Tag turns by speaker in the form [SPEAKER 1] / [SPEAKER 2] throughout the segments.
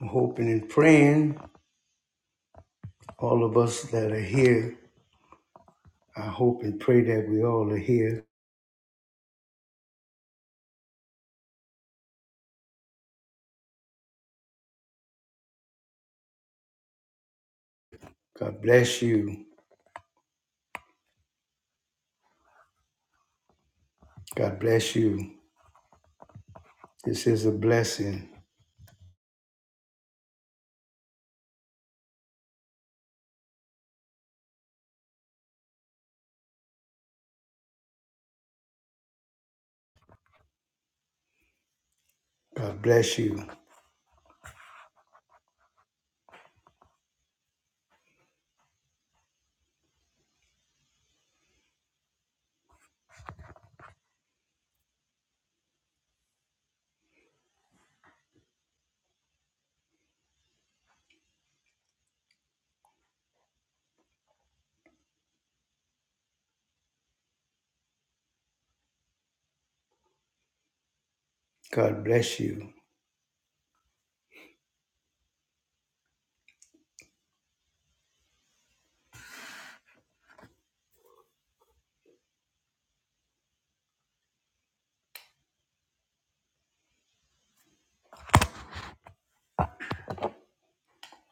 [SPEAKER 1] I'm hoping and praying, all of us that are here, I hope and pray that we all are here. God bless you. God bless you. This is a blessing. God bless you. God bless you.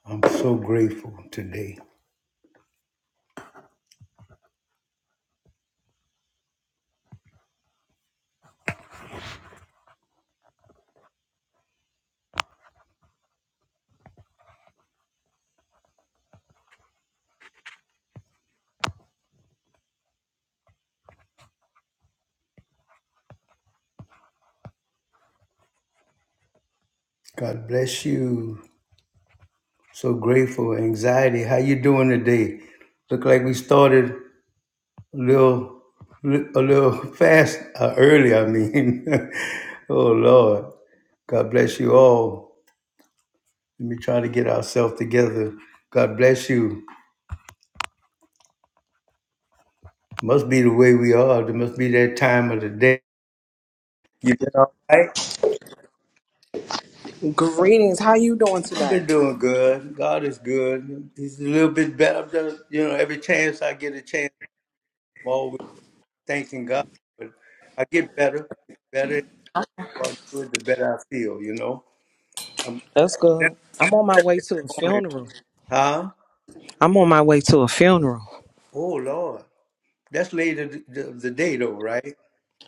[SPEAKER 1] I'm so grateful today. God bless you. So grateful. Anxiety. How you doing today? Look like we started a little, a little fast uh, early. I mean, oh Lord. God bless you all. Let me try to get ourselves together. God bless you. Must be the way we are. There must be that time of the day. You been all right?
[SPEAKER 2] Greetings. How you doing
[SPEAKER 1] I've
[SPEAKER 2] today?
[SPEAKER 1] been doing good. God is good. He's a little bit better. I'm just- You know, every chance I get a chance, I'm always thanking God. But I get better, better. and more I do it, The better I feel, you know. I'm
[SPEAKER 2] That's
[SPEAKER 1] never
[SPEAKER 2] good. I'm on my
[SPEAKER 1] set
[SPEAKER 2] way
[SPEAKER 1] in
[SPEAKER 2] to a
[SPEAKER 1] the morning.
[SPEAKER 2] funeral.
[SPEAKER 1] Huh?
[SPEAKER 2] I'm on my way to a funeral.
[SPEAKER 1] Oh, Lord. That's later th- th- the day, though, right?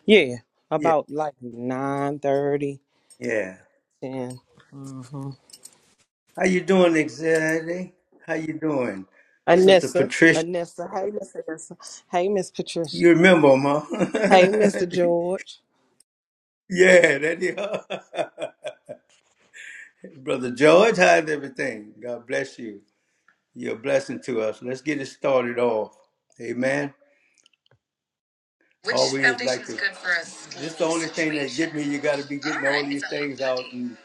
[SPEAKER 2] Yeah,
[SPEAKER 1] Yeah,
[SPEAKER 2] about like nine thirty
[SPEAKER 1] yeah.
[SPEAKER 2] ten. 10. hmm
[SPEAKER 1] How you doing, Xavier? How you doing, Sister
[SPEAKER 2] Anessa.
[SPEAKER 1] Patricia?
[SPEAKER 2] Anessa. Hey, Miss Anessa. Hey, Miss Patricia.
[SPEAKER 1] You remember him, huh?
[SPEAKER 2] Hey, Mr. George.
[SPEAKER 1] yeah, that is. Brother George, how's everything? God bless you. You're a blessing to us. Let's get it started off. Amen. Which Always foundation like foundation's to- good for us? This the only thing that get me. You got to be getting all right, all these so things out and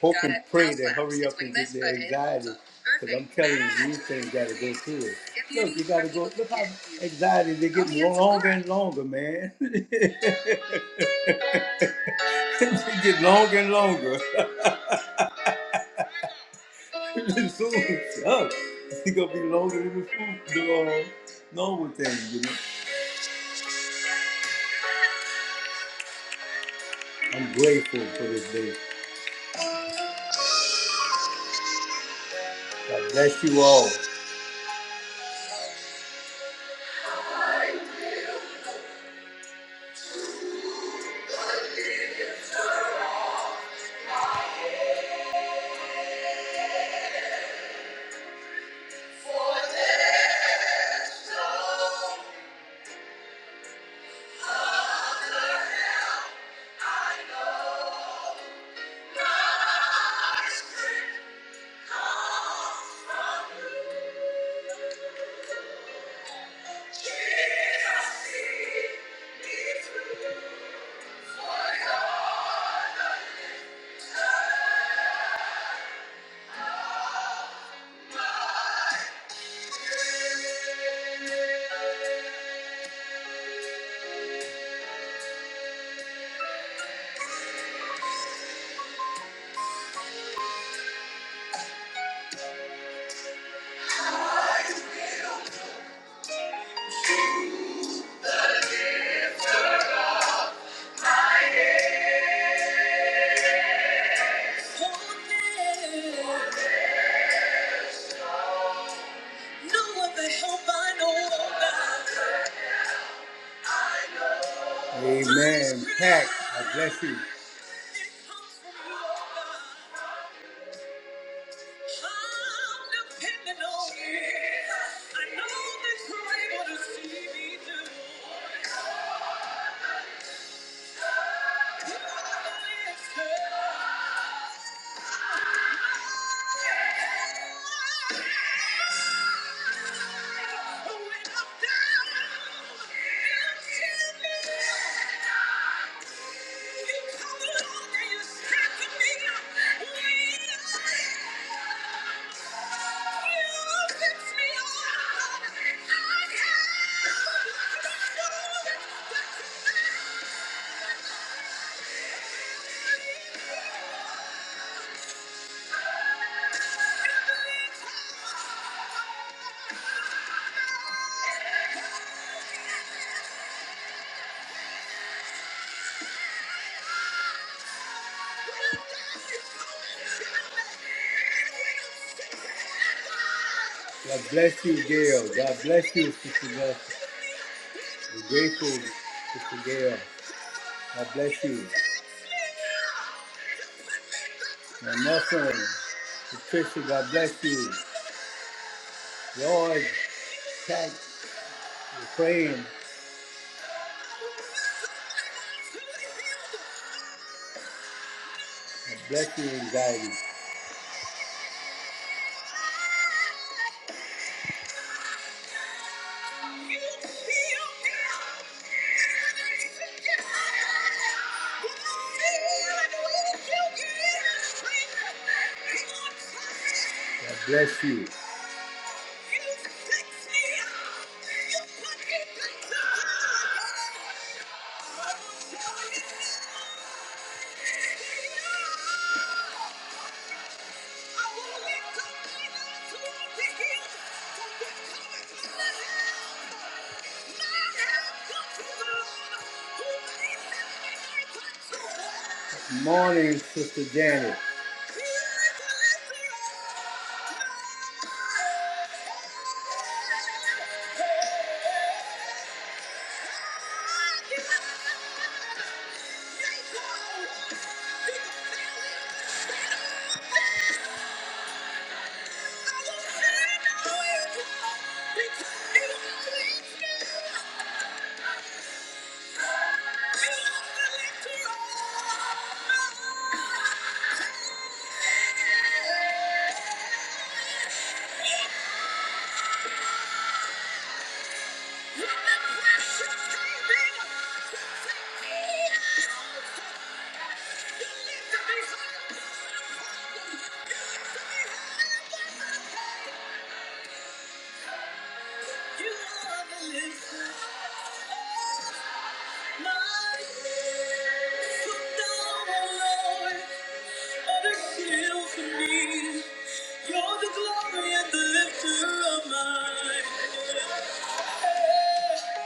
[SPEAKER 1] hope and pray to hurry up and get the anxiety. Because I'm telling you, these things got to go through it. Look, you got to go. Look how anxiety they get longer and longer, man. they get longer and longer. the food sucks. It's gonna be longer than the food, the uh, normal thing. You know. I'm grateful for this day. God bless you all. Amen. Pack, I bless you. I'm depending on you. I know that you're able to see me through. You are the answer. God bless you, Gail. God bless you, Sister Nelson. We're grateful, Sister Gail. God bless you. My nephew, Patricia, God bless you. Lord, Pat, you're praying. God bless you, anxiety. God bless you. Morning, Sister Janet. You are the lift. You're the glory and the lifter of my head. You are the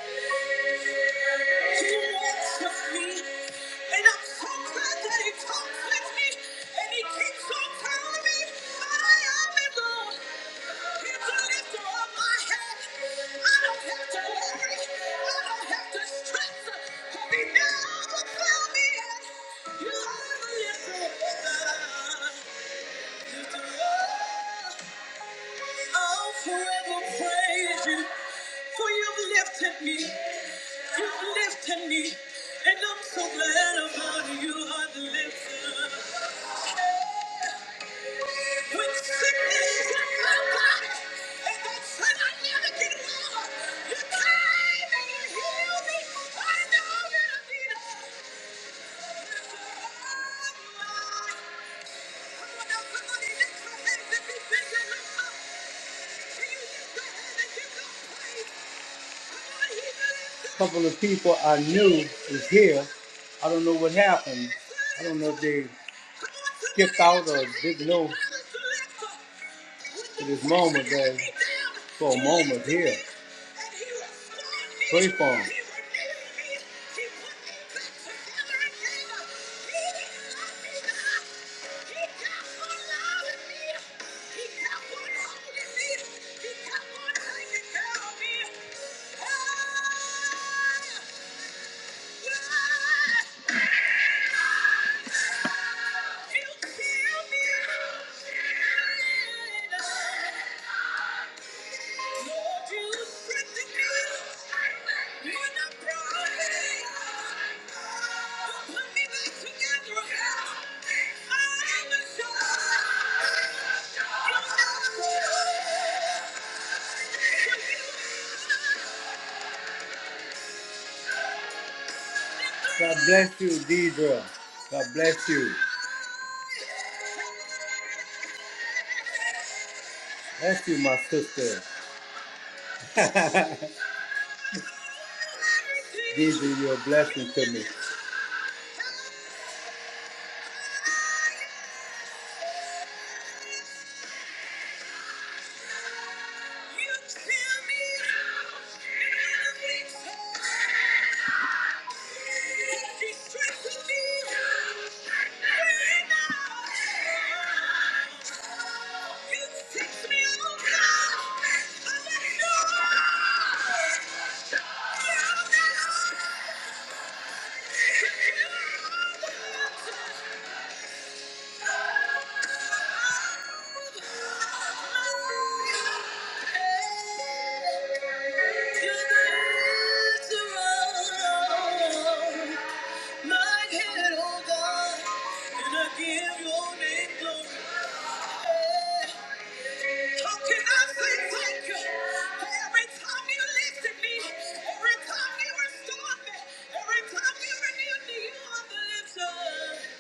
[SPEAKER 1] living God. I'll forever praise you, for you've lifted me, you've lifted me, and I'm so glad about it. you are the lifter. When sickness struck my body, and they said I never get well, you came and you healed me. I know that I need it. Everyone else, somebody lift your hands if you think you lift up. Can you lift your hand and give God praise? A couple of people I knew is here. I don't know what happened. I don't know if they skipped out or didn't know at this moment, but for a moment here. Free fall. God bless you, Deidre. God bless you. Bless you, my sister. Deidre, you're a blessing to me. Yeah. Every time you renew me on the lips of,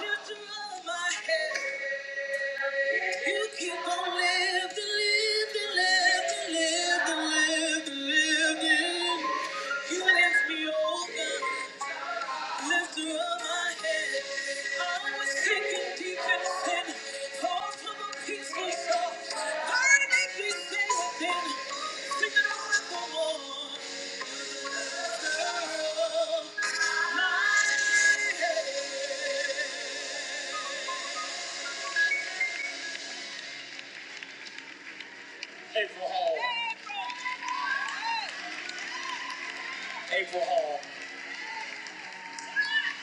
[SPEAKER 1] you throw my head. You keep on living, living, living, living, living, living. You lift me over, lifter of my head. I was sinking deep in sin, far from a peaceful shore. Why make me stay within? Singing all the more.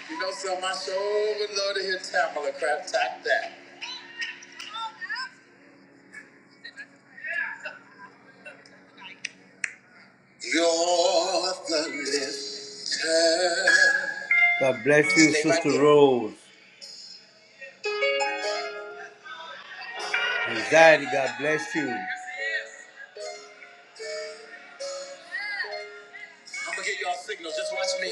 [SPEAKER 1] You know, so my soul would love to hear Tamala crap Tap that. You're the lifter. God bless you, Stay right Sister there. Rose. Anxiety, God bless you. I'm gonna get y'all signals. Just watch me.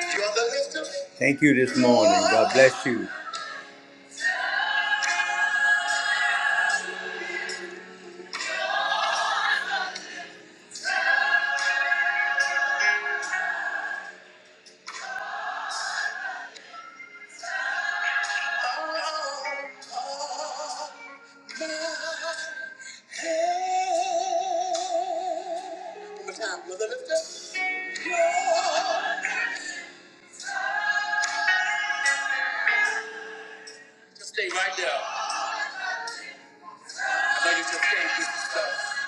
[SPEAKER 1] You're the lifter. Thank you this morning. God bless you. One more time. You're the lifter. Just stay right there. I know you just came through some stuff.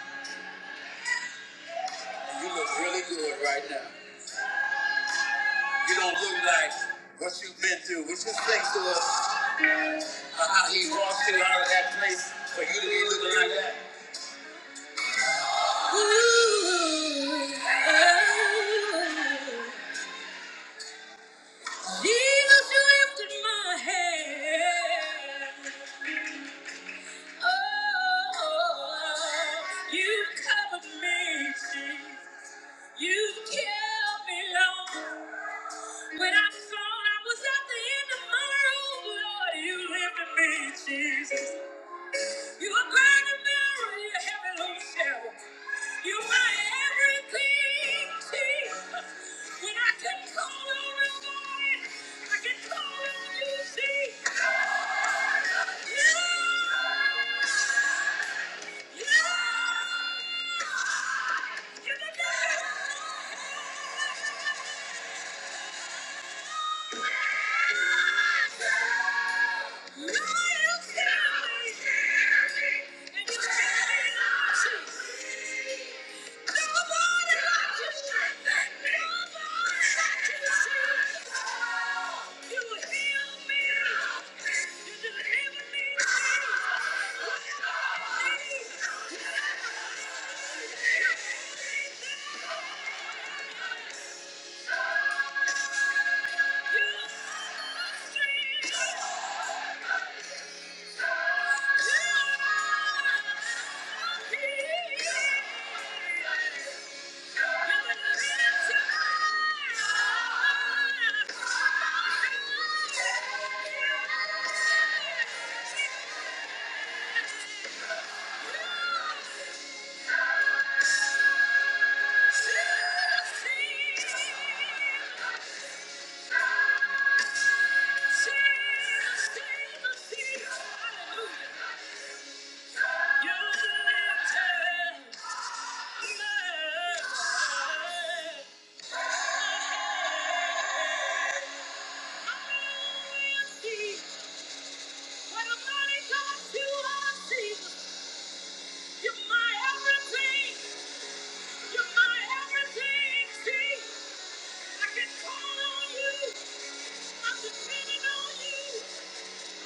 [SPEAKER 1] and You look really good right now. You don't look like what you've been through, which is thanks to us, uh, how he walked you out of that place for you to be looking like that. Jesus, you lifted my head. You covered me. You killed when I thought I was at the end of my rope. Lord, you reached Jesus. You are great and mirror. You're heavy on the shelf. You are everything, Jesus. When I can call on you, Lord, I can call on you, Jesus. You, you, you, you, you, Thank you. Hallelujah.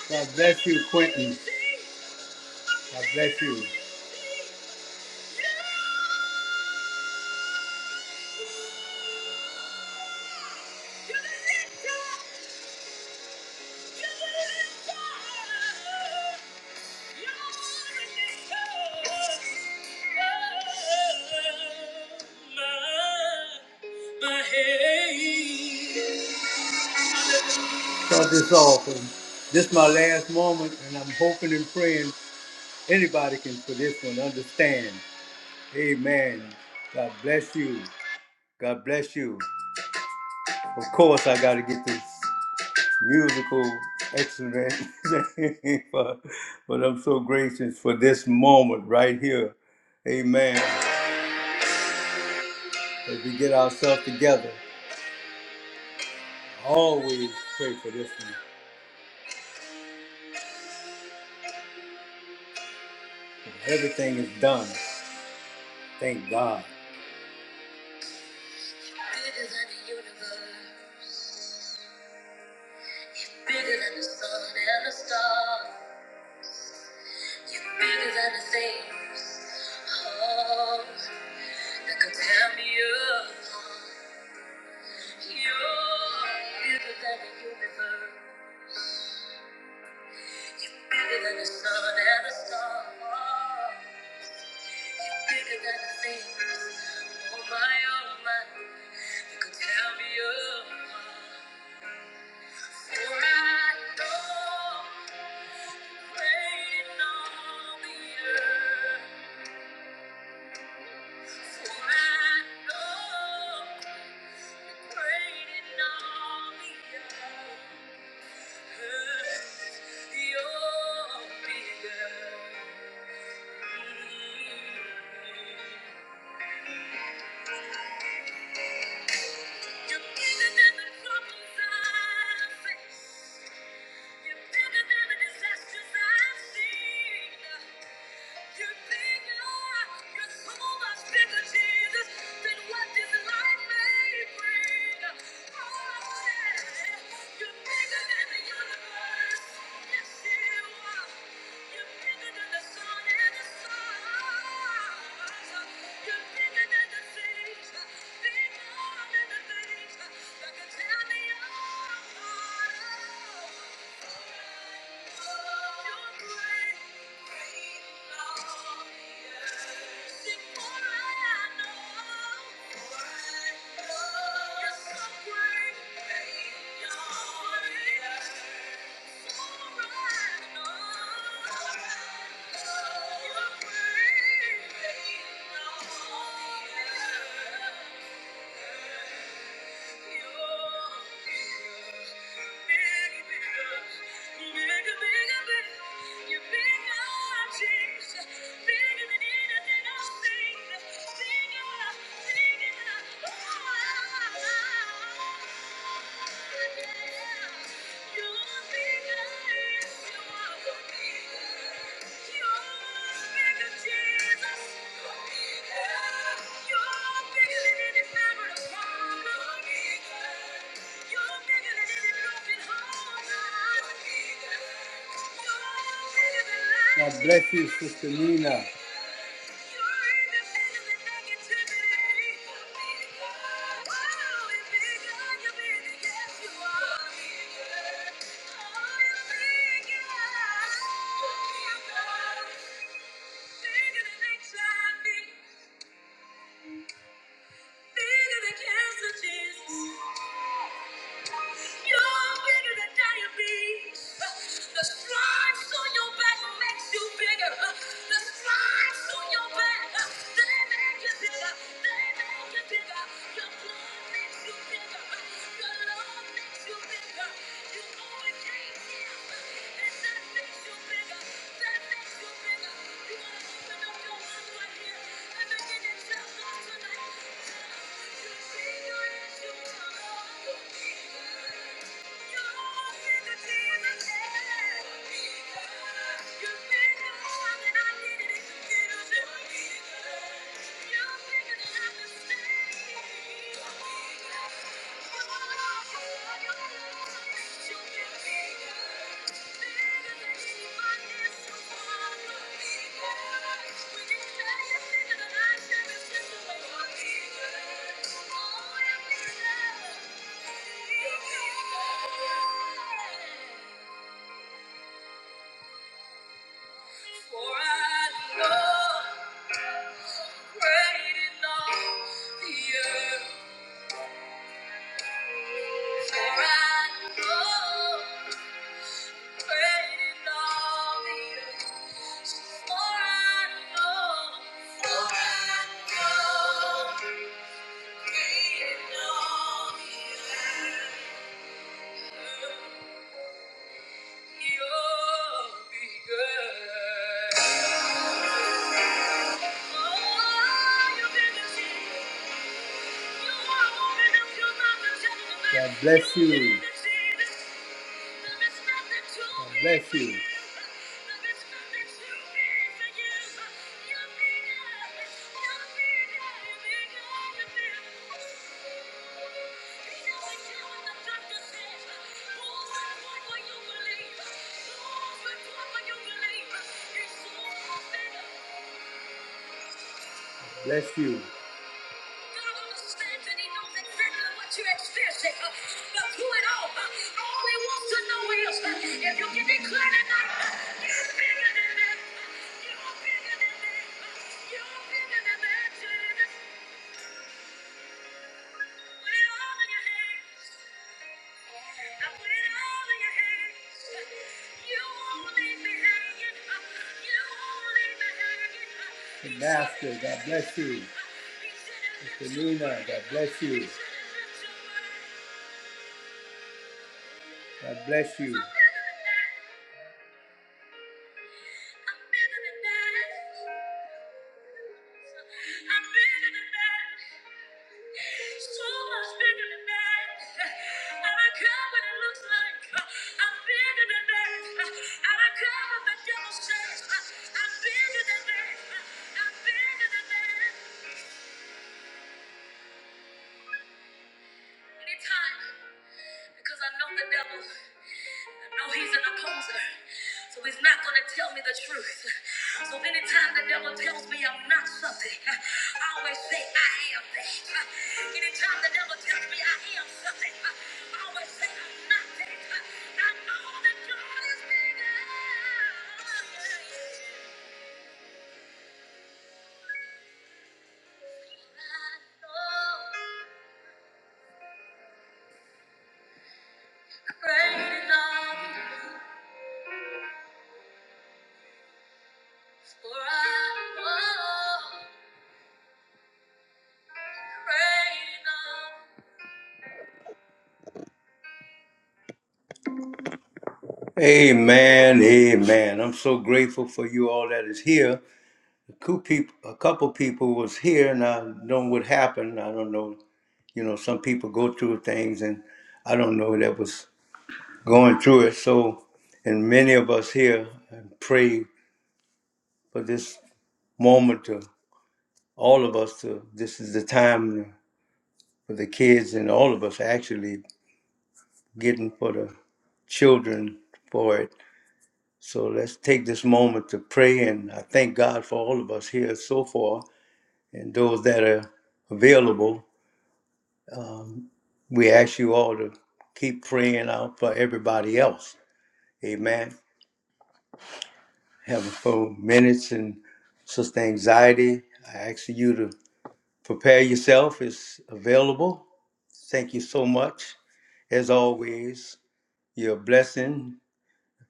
[SPEAKER 1] God bless you, Quentin. God bless you. Start this off, and this is my last moment, and I'm hoping and praying anybody can for this one understand. Amen. God bless you. God bless you. Of course, I got to get this musical excellent, but, but I'm so gracious for this moment right here. Amen. As we get ourselves together, always pray for this one. everything is done, thank God. Bigger than the universe, bigger than the sun and the stars. You're bigger than the things oh, that could tear me apart. You're bigger than the universe, bigger than the sun and the stars. Bigger than the things, oh my, oh my, that could tear me apart. For I know, waiting on the earth. You're bigger than the problems I face. You're bigger than the disasters I've seen. You're bigger. You're so much bigger, Jesus, than what this life may bring. Oh, yeah. You're bigger than the universe. Oh, Yes, you are. bigger than the sun and the stars. You're bigger than the things, bigger than the things that can tear me Thank you. Thank you. God bless you, Sister Nina. Jesus. You're bigger than diabetes. The stripes on your back makes you bigger. The stripes on your back, they make you bigger. They make you bigger. Your blood makes you bigger. Your love makes you bigger. You overcame him, and that makes you bigger. That makes you bigger. You want to open up your mouth right here and begin to tell God tonight, God, you bigger as you are. Thank you. For I know great in all the earth. For I know great in all the earth. For I know, for I know great in all the earth. God bless you. God bless you. Bless you. God understands and He knows exactly what you're experiencing. uh, But who it all, uh, all He wants to know is uh, if you can declare tonight, uh, you're bigger than that. uh, You're bigger than that. uh, You're bigger than that. Jesus. The master, God bless you. Mr. Luna, God bless you. God bless you. I'm better than that. I'm better than that. So much bigger than that. I care what it looks like. I'm bigger than that. I care what the devil says. I'm bigger than that. I'm bigger than that. Anytime, because I know the devil. No, he's an opposer. So he's not going to tell me the truth. So anytime the devil tells me I'm not something, I always say I am that. Anytime the devil tells me I am something, I always say I'm not that. I know that God is bigger. I know Great enough for I know great enough. Amen, amen. I'm so grateful for you all that is here. A couple people, a couple people was here, and I don't know what happened. I don't know. You know, some people go through things, and I don't know that was going through it. So, and many of us here and pray for this moment to all of us. To this is the time for the kids and all of us actually getting for the children for it So let's take this moment to pray. And I thank God for all of us here so far and those that are available. We ask you all to keep praying out for everybody else. Amen. Having four minutes and sister anxiety. I ask you to prepare yourself. It's available. Thank you so much. As always, you're a blessing,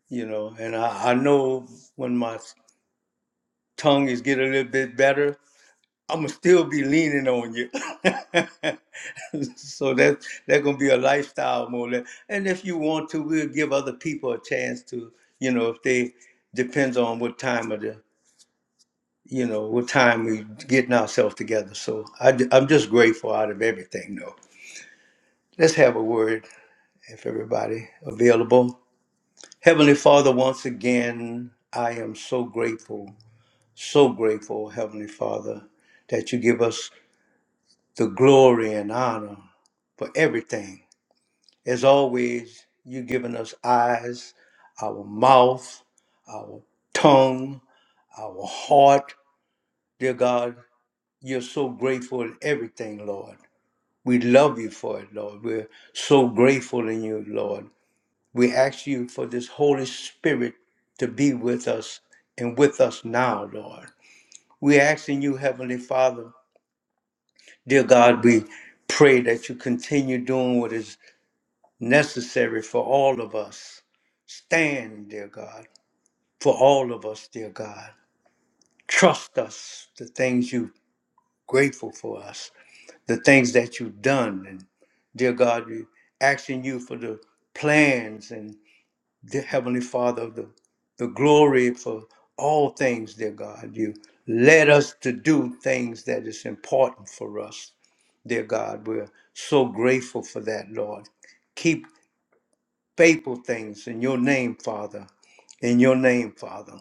[SPEAKER 1] you know. And I, I know when my tongue is getting a little bit better, I'm gonna still be leaning on you. so that that's gonna be a lifestyle more. or less. And if you want to, we'll give other people a chance to, you know, if they depends on what time of the, you know, what time we getting ourselves together. So I, am just grateful out of everything, though. Let's have a word if everybody available. Heavenly Father, once again, I am so grateful, so grateful, Heavenly Father, that you give us the glory and honor for everything. As always, you've given us eyes, our mouth, our tongue, our heart. Dear God, you're so grateful in everything, Lord. We love you for it, Lord. We're so grateful in you, Lord. We ask you for this Holy Spirit to be with us and with us now, Lord. We ask in you, Heavenly Father, dear God, we pray that you continue doing what is necessary for all of us. Stand, dear God, for all of us, dear God. Trust us, the things you grateful for us, the things that you've done. And dear God, we asking you for the plans and the Heavenly Father, the, the glory for all things, dear God. You led us to do things that is important for us, dear God. We're so grateful for that, Lord Keep. faithful things in your name, Father. In your name, Father.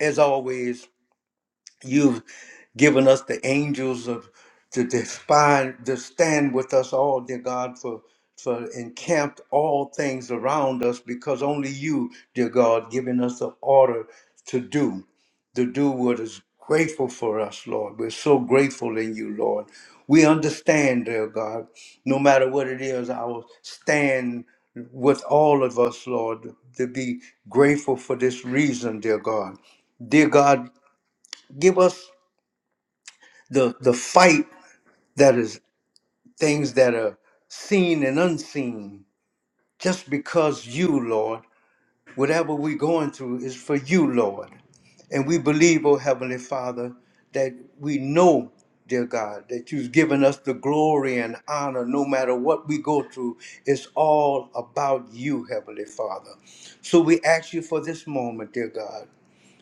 [SPEAKER 1] As always, You've given us the angels of to, to spy, to stand with us all, dear God, for for encamped all things around us, because only you, dear God, giving us the order to do, to do what is grateful for us, Lord. We're so grateful in you, Lord. We understand, dear God, no matter what it is, I will stand with all of us, Lord, to be grateful for this reason, dear God. Dear God, give us the the fight that is things that are seen and unseen just because you lord whatever we're going through is for you lord and we believe oh heavenly father that we know dear god that you've given us the glory and honor no matter what we go through it's all about you heavenly father so we ask you for this moment dear god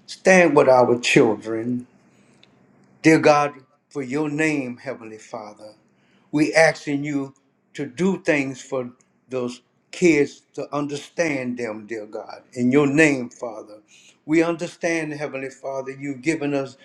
[SPEAKER 1] stand with our children dear god for your name heavenly father we asking you to do things for those kids to understand them, dear God. In your name, Father. We understand, Heavenly Father, you've given us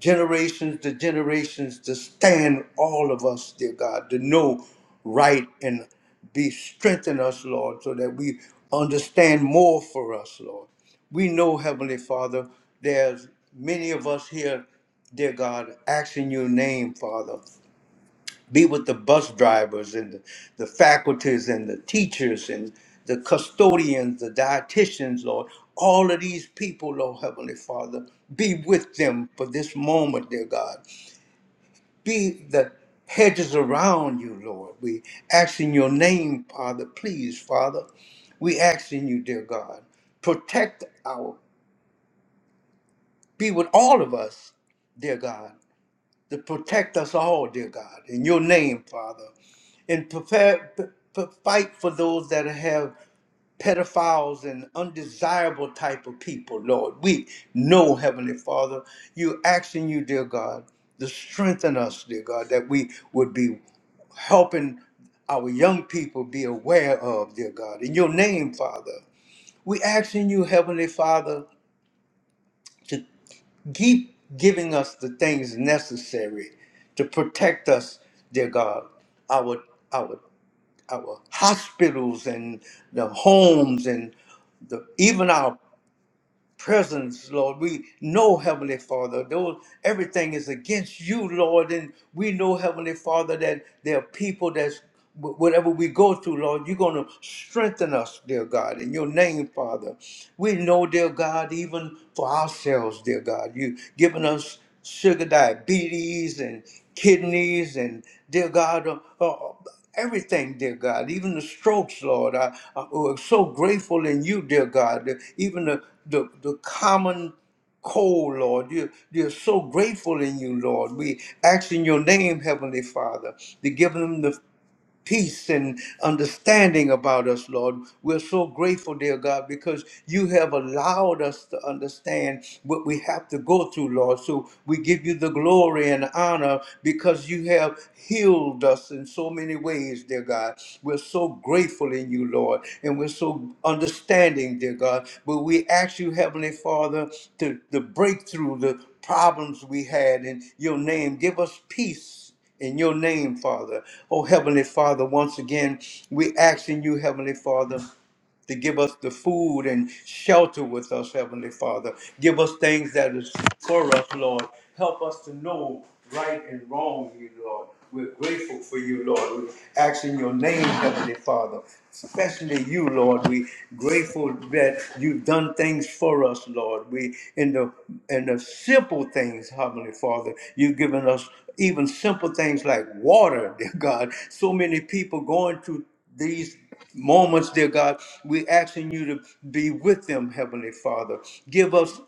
[SPEAKER 1] generations to generations to stand all of us, dear God, to know right and be strengthen us, Lord, so that we understand more for us, Lord. We know, Heavenly Father, there's many of us here, dear God, asking your name, Father be with the bus drivers and the, the faculties and the teachers and the custodians, the dietitians, Lord. All of these people, Lord Heavenly Father, be with them for this moment, dear God. Be the hedges around you, Lord. We ask in your name, Father, please, Father. We ask in you, dear God, protect our, be with all of us, dear God. to protect us all, dear God, in your name, Father, and prepare p- p- fight for those that have pedophiles and undesirable type of people, Lord. We know, Heavenly Father, you asking you, dear God, to strengthen us, dear God, that we would be helping our young people be aware of, dear God. In your name, Father, we asking you, Heavenly Father, Keep giving us the things necessary to protect us, dear God, our our our hospitals and the homes and the, even our presence, Lord. We know, Heavenly Father, those everything is against you, Lord, and we know, Heavenly Father, that there are people that's wh- whatever we go through, Lord, you're going to strengthen us, dear God, in your name, Father. We know, dear God, even for ourselves, dear God, you've given us sugar diabetes and kidneys and, dear God, uh, uh, everything, dear God, even the strokes, Lord. I, I, we're so grateful in you, dear God. Even the, the, the common cold, Lord. You're, you're so grateful in you, Lord. We ask in your name, Heavenly Father, to give them the peace and understanding about us, Lord. We're so grateful, dear God, because you have allowed us to understand what we have to go through, Lord. So we give you the glory and honor because you have healed us in so many ways, dear God. We're so grateful in you, Lord, and we're so understanding, dear God. But we ask you, Heavenly Father, to, to break through the problems we had in your name. Give us peace Jesus. in your name, Father. Oh, Heavenly Father, once again, we ask in you, Heavenly Father to give us the food and shelter with us, Heavenly Father. Give us things that is for us, Lord. Help us to know right and wrong, you Lord. We're grateful for you, Lord. We ask in your name, Heavenly Father. Especially you, Lord. We grateful that you've done things for us, Lord. We in the in the simple things, Heavenly Father, you've given us even simple things like water, dear God. So many people going through these moments, dear God, we're asking you to be with them, Heavenly Father. Give us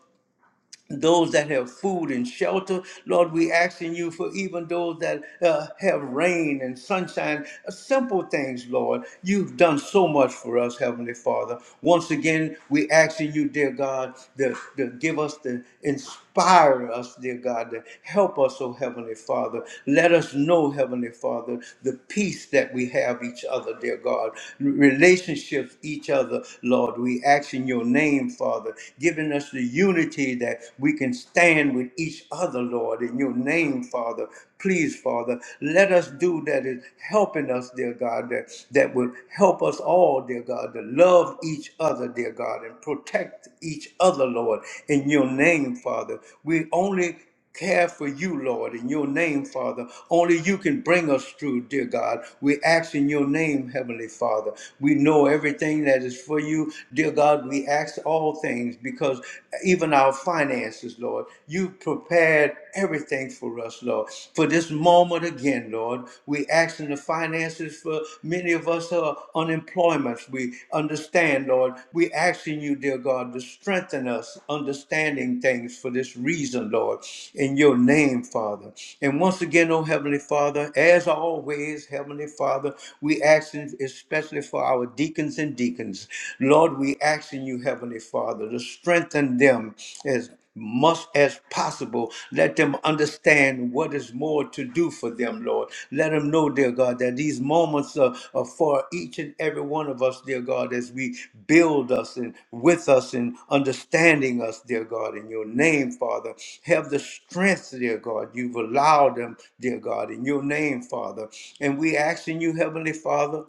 [SPEAKER 1] those that have food and shelter, Lord, we asking you for even those that uh, have rain and sunshine, uh, simple things, Lord. You've done so much for us, Heavenly Father. Once again, we asking you, dear God, to, to give us the inspiration inspire us, dear God, help us, oh Heavenly Father. Let us know, Heavenly Father, the peace that we have each other, dear God. Relationships each other, Lord. We ask in your name, Father, giving us the unity that we can stand with each other, Lord, in your name, Father. Please, Father, let us do that is helping us, dear God, that, that would help us all, dear God, to love each other, dear God, and protect each other, Lord, in your name, Father. We only care for you, Lord, in your name, Father. Only you can bring us through, dear God. We ask in your name, Heavenly Father. We know everything that is for you, dear God. We ask all things because even our finances, Lord, you prepared everything for us, Lord. For this moment again, Lord, we ask in the finances for many of us who are unemployments. We understand, Lord. We asking you, dear God, to strengthen us understanding things for this reason, Lord, in your name, Father. And once again, oh Heavenly Father, as always, Heavenly Father, we asking especially for our deacons and deacons. Lord, we asking you, Heavenly Father, to strengthen them as much as possible. Let them understand what is more to do for them, Lord. Let them know, dear God, that these moments are, are for each and every one of us, dear God, as we build us and with us and understanding us, dear God, in your name, Father. Have the strength, dear God. You've allowed them, dear God, in your name, Father. And we ask in you, Heavenly Father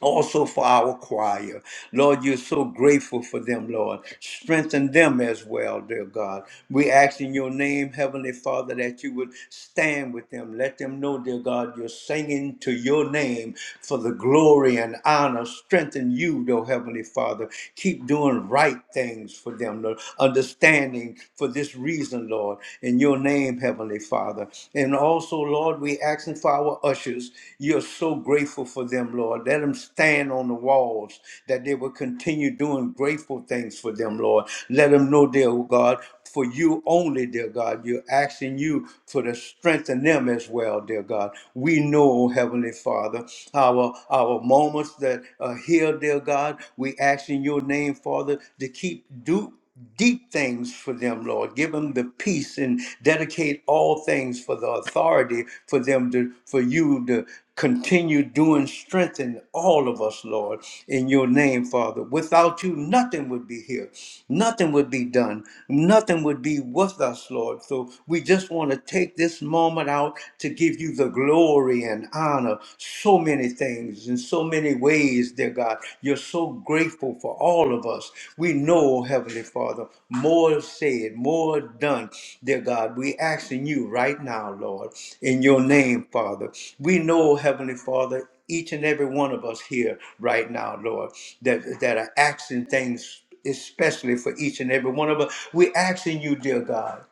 [SPEAKER 1] also for our choir. Lord, you're so grateful for them, Lord. Strengthen them as well, dear God. We ask in your name, Heavenly Father, that you would stand with them. Let them know, dear God, you're singing to your name for the glory and honor. Strengthen you, though, Heavenly Father. Keep doing right things for them, Lord. Understanding for this reason, Lord. In your name, Heavenly Father. Father. And also, Lord, we asking for our ushers. You're so grateful for them, Lord. Let them stand on the walls that they will continue doing grateful things for them, Lord. Let them know, dear God, for you only, dear God. You're asking you for the strength in them as well, dear God. We know, Heavenly Father, our our moments that are here, dear God. We ask in your name, Father, to keep do deep things for them, Lord. Give them the peace and dedicate all things for the authority for them to for you to continue doing strengthen all of us, Lord, in your name, Father. Without you, nothing would be here. Nothing would be done. Nothing would be with us, Lord. So we just want to take this moment out to give you the glory and honor. So many many things, in so many ways, dear God. You're so grateful for all of us. We know, Heavenly Father, more said, more done, dear God. We asking you right now, Lord, in your name, Father. We know, Heavenly Father, each and every one of us here right now, Lord, that, that are asking things especially for each and every one of us. We're asking you, dear God.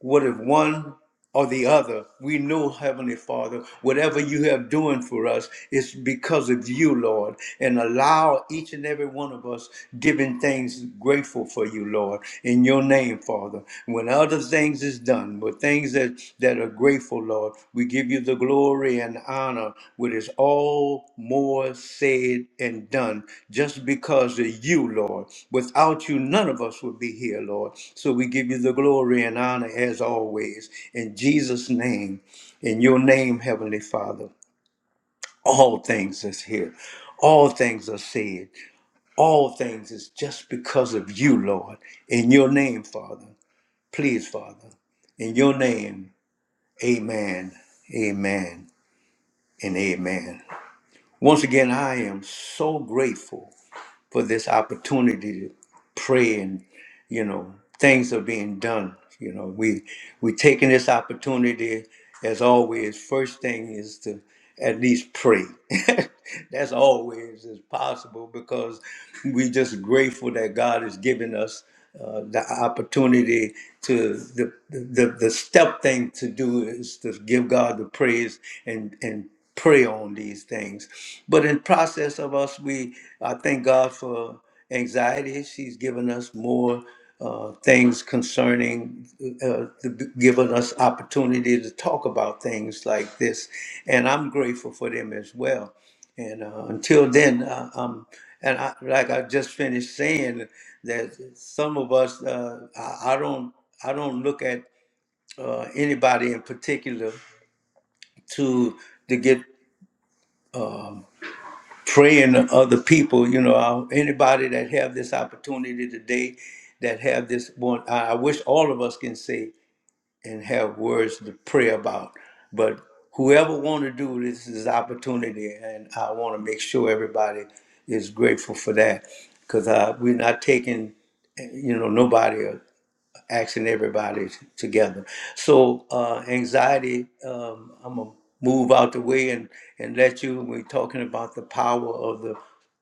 [SPEAKER 1] What if one or the other, we know, Heavenly Father, whatever you have doing for us is because of you, Lord. And allow each and every one of us giving things grateful for you, Lord, in your name, Father. When other things is done, when things that's that are grateful, Lord. We give you the glory and honor, which is all more said and done, just because of you, Lord. Without you, none of us would be here, Lord. So we give you the glory and honor as always. In Jesus' name, in your name, Heavenly Father, all things is here. All things are said. All things is just because of you, Lord. In your name, Father. Please, Father. In your name. Amen, amen, and amen. Once again, I am so grateful for this opportunity to pray and you know things are being done you know we we taking this opportunity as always first thing is to at least pray that's always is possible because we just grateful that god has given us uh, the opportunity to the, the the step thing to do is to give god the praise and and pray on these things but in process of us we i thank god for anxiety. She's given us more uh, things concerning, uh, to- given us opportunity to talk about things like this, and I'm grateful for them as well. And uh, until then, uh, um, and I, like I just finished saying that some of us, uh, I, I don't, I don't look at uh, anybody in particular to to get. praying to other people. You know, uh, anybody that have this opportunity today, that have this one, I I wish all of us can say and have words to pray about. But whoever want to do this is opportunity, and I want to make sure everybody is grateful for that because uh, we're not taking, eh, you know, nobody. uh, asking everybody t- together. So uh, anxiety, um, I'm gonna move out the way and and let you. We're talking about the power of the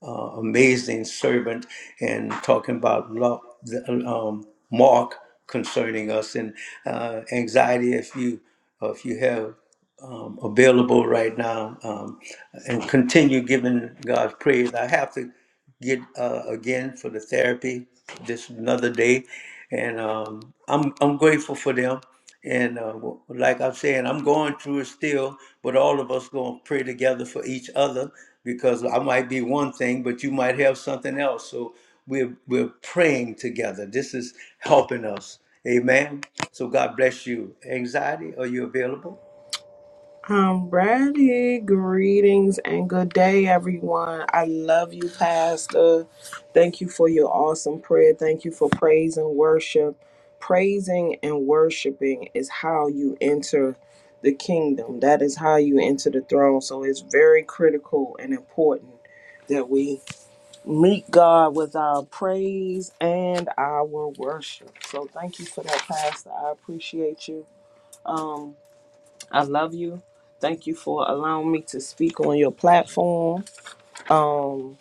[SPEAKER 1] uh, amazing servant and talking about love, the, um, Mark concerning us and uh, anxiety. If you uh, if you have um, available right now um, and continue giving God's praise. I have to get uh, again for the therapy this another day, and um, I'm I'm grateful for them. And uh, w- like I'm saying, I'm going through it still, but all of us going to pray together for each other because I might be one thing, but you might have something else. So we're we're praying together. This is helping us. Amen. So God bless you. Anxiety, are you available?
[SPEAKER 2] I'm ready. Greetings and good day, everyone. I love you, Pastor. Thank you for your awesome prayer. Thank you for praise and worship. Praising and worshiping is how you enter the kingdom, that is how you enter the throne. So it's very critical and important that we meet God with our praise and our worship. So thank you for that, Pastor. I appreciate you. Um, I love you. Thank you for allowing me to speak on your platform. Um,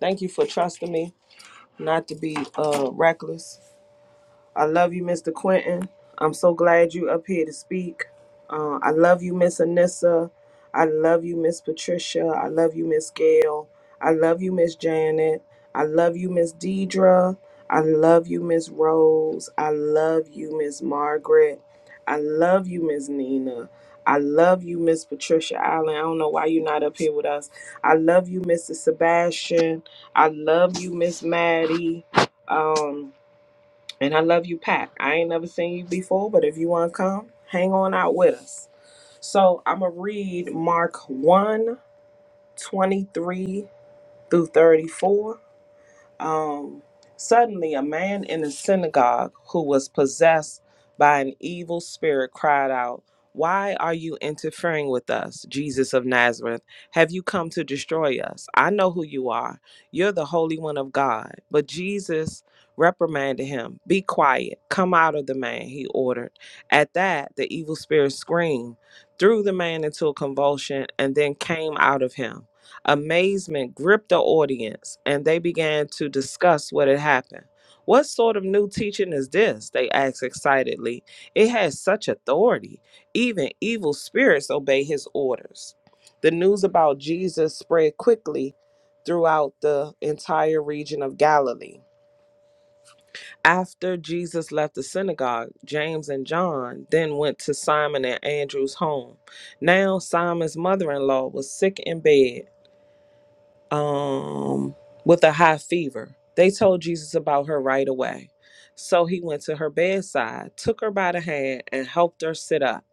[SPEAKER 2] thank you for trusting me not to be uh, reckless. I love you, Mr. Quentin. I'm so glad you up here to speak. Uh, I love you, Miss Anissa. I love you, Miss Patricia. I love you, Miss Gail. I love you, Miss Janet. I love you, Miss Deidra. I love you, Miss Rose. I love you, Miss Margaret. I love you, Miss Nina. I love you, Miss Patricia Allen. I don't know why you're not up here with us. I love you, Mr. Sebastian. I love you, Miss Maddie. Um, and I love you, Pack. I ain't never seen you before, but if you want to come, hang on out with us. So I'm going to read Mark one 23 through 34. Um, suddenly, a man in the synagogue who was possessed by an evil spirit cried out, Why are you interfering with us, Jesus of Nazareth? Have you come to destroy us? I know who you are. You're the Holy One of God. But Jesus reprimanded him, Be quiet. Come out of the man, he ordered. At that, the evil spirit screamed, threw the man into a convulsion, and then came out of him. Amazement gripped the audience, and they began to discuss what had happened. What sort of new teaching is this? They asked excitedly. It has such authority. Even evil spirits obey his orders. The news about Jesus spread quickly throughout the entire region of Galilee. After Jesus left the synagogue, James and John then went to Simon and Andrew's home. Now, Simon's mother in law was sick in bed um, with a high fever. They told Jesus about her right away. So he went to her bedside, took her by the hand, and helped her sit up.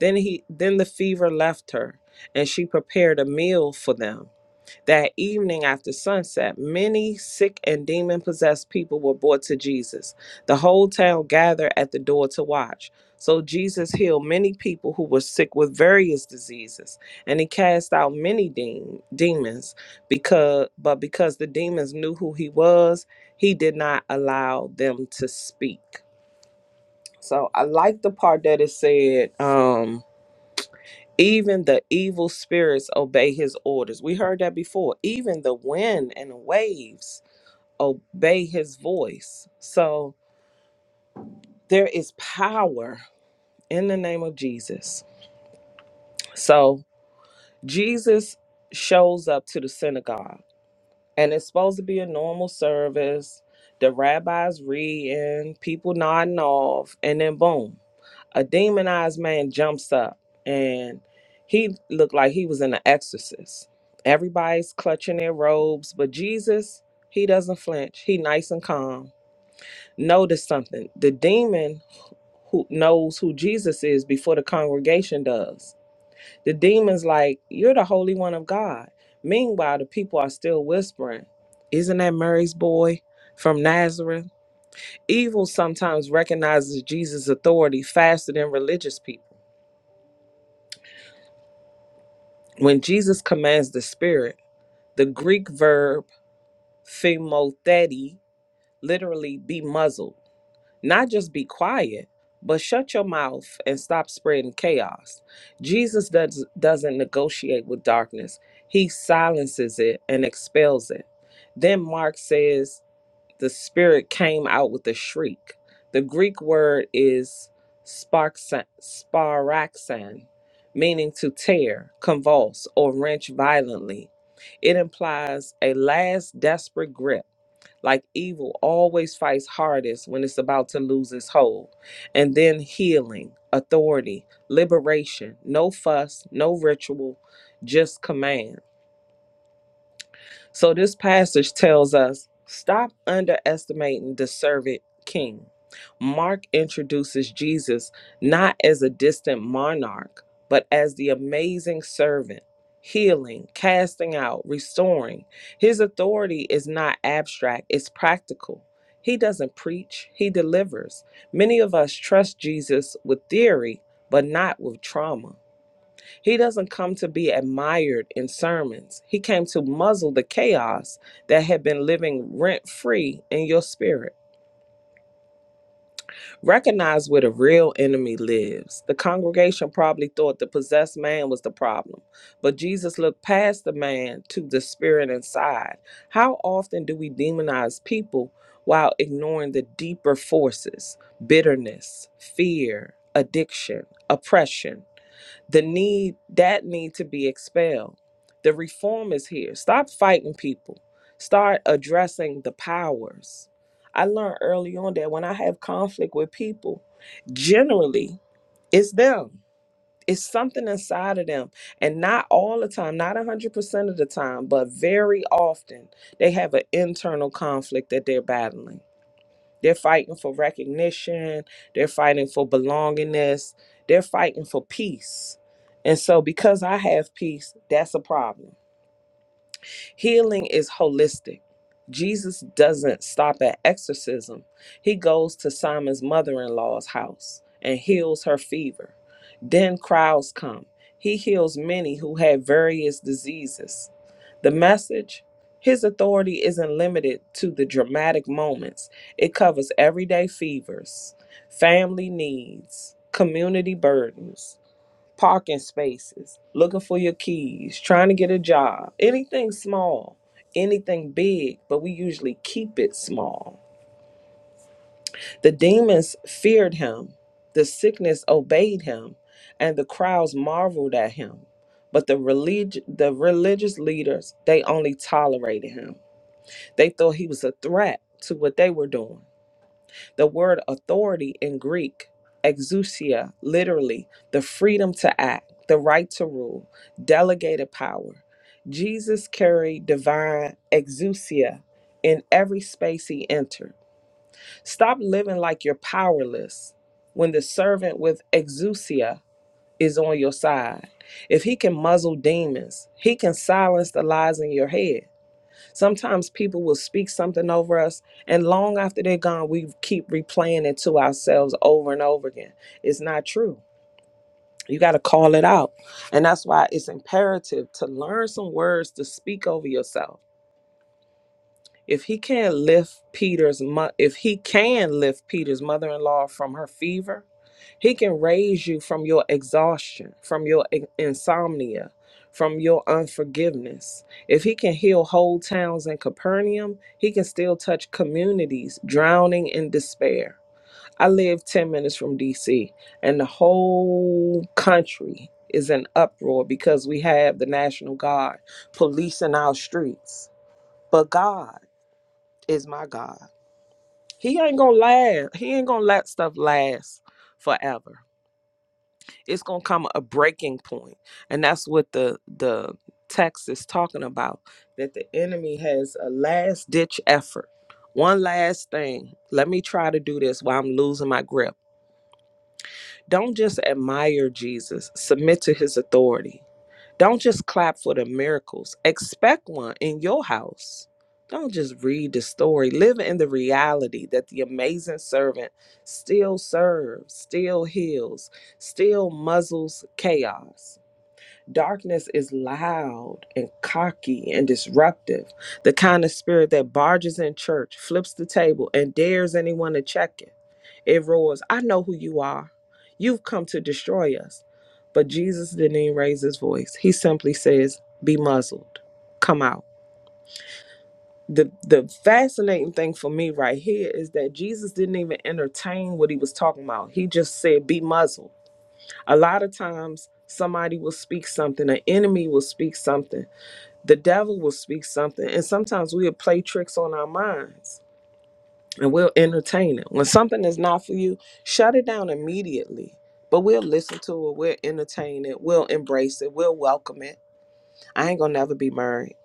[SPEAKER 2] Then he then the fever left her, and she prepared a meal for them. That evening after sunset, many sick and demon possessed people were brought to Jesus. The whole town gathered at the door to watch. So Jesus healed many people who were sick with various diseases, and he cast out many de- demons. Because, but because the demons knew who he was, he did not allow them to speak. So I like the part that it said. Um, even the evil spirits obey his orders. We heard that before. Even the wind and waves obey his voice. So there is power in the name of Jesus. So Jesus shows up to the synagogue and it's supposed to be a normal service. The rabbi's reading, people nodding off, and then boom, a demonized man jumps up, and he looked like he was in an exorcist. Everybody's clutching their robes, but Jesus, he doesn't flinch. He nice and calm. Notice something: the demon who knows who Jesus is before the congregation does the demon's like, You're the Holy One of God. Meanwhile, the people are still whispering, Isn't that Mary's boy from Nazareth? Evil sometimes recognizes Jesus' authority faster than religious people. When Jesus commands the spirit, the Greek verb phimotheti, literally be muzzled Not just be quiet, but shut your mouth and stop spreading chaos. Jesus does, doesn't negotiate with darkness, he silences it and expels it. Then Mark says the spirit came out with a shriek. The Greek word is sparxa- sparaxan, meaning to tear, convulse, or wrench violently. It implies a last desperate grip like evil always fights hardest when it's about to lose its hold. And then healing, authority, liberation, no fuss, no ritual, just command. So this passage tells us stop underestimating the servant king. Mark introduces Jesus not as a distant monarch, but as the amazing servant, healing, casting out, restoring. His authority is not abstract, it's practical. He doesn't preach, he delivers. Many of us trust Jesus with theory, but not with trauma. He doesn't come to be admired in sermons. He came to muzzle the chaos that had been living rent free in your spirit. Recognize where the real enemy lives. The congregation probably thought the possessed man was the problem, but Jesus looked past the man to the spirit inside. How often do we demonize people while ignoring the deeper forces bitterness, fear, addiction, oppression? the need that need to be expelled the reform is here stop fighting people start addressing the powers i learned early on that when i have conflict with people generally it's them it's something inside of them and not all the time not 100% of the time but very often they have an internal conflict that they're battling they're fighting for recognition. They're fighting for belongingness. They're fighting for peace. And so, because I have peace, that's a problem Healing is holistic. Jesus doesn't stop at exorcism, he goes to Simon's mother in law's house and heals her fever. Then crowds come. He heals many who had various diseases. The message his authority isn't limited to the dramatic moments. It covers everyday fevers, family needs, community burdens, parking spaces, looking for your keys, trying to get a job, anything small, anything big, but we usually keep it small. The demons feared him, the sickness obeyed him, and the crowds marveled at him. But the relig- the religious leaders, they only tolerated him. They thought he was a threat to what they were doing. The word authority in Greek, exousia, literally, the freedom to act, the right to rule, delegated power. Jesus carried divine exousia in every space he entered. Stop living like you're powerless when the servant with exousia is on your side. If he can muzzle demons, he can silence the lies in your head. Sometimes people will speak something over us, and long after they're gone, we keep replaying it to ourselves over and over again. It's not true. You got to call it out. And that's why it's imperative to learn some words to speak over yourself if he can't lift Peter's mo- if he can lift Peter's mother-in-law from her fever, he can raise you from your exhaustion, from your in- insomnia, from your unforgiveness. If he can heal whole towns in Capernaum, he can still touch communities drowning in despair. I live 10 minutes from DC and the whole country is in uproar because we have the National Guard policing our streets. But God is my God. He ain't gonna last. He ain't gonna let stuff last forever. It's gonna come a breaking point, and that's what the the text is talking about. That the enemy has a last ditch effort, one last thing. Let me try to do this while I'm losing my grip. Don't just admire Jesus, submit to his authority. Don't just clap for the miracles, expect one in your house. Don't just read the story, live in the reality that the amazing servant still serves, still heals, still muzzles chaos. Darkness is loud and cocky and disruptive, the kind of spirit that barges in church, flips the table, and dares anyone to check it. It roars, I know who you are. You've come to destroy us. But Jesus didn't even raise his voice. He simply says, Be muzzled, come out. The, the fascinating thing for me right here is that Jesus didn't even entertain what he was talking about. He just said, Be muzzled. A lot of times, somebody will speak something, an enemy will speak something, the devil will speak something, and sometimes we'll play tricks on our minds and we'll entertain it. When something is not for you, shut it down immediately. But we'll listen to it, we'll entertain it, we'll embrace it, we'll welcome it. I ain't gonna never be married.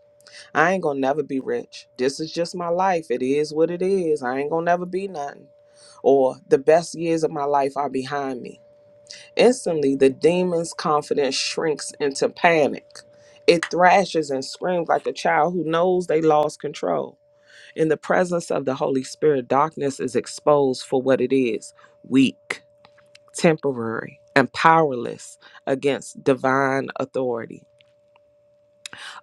[SPEAKER 2] I ain't gonna never be rich. This is just my life. It is what it is. I ain't gonna never be nothing. Or the best years of my life are behind me Instantly, the demon's confidence shrinks into panic. It thrashes and screams like a child who knows they lost control. In the presence of the Holy Spirit, darkness is exposed for what it is weak, temporary, and powerless against divine authority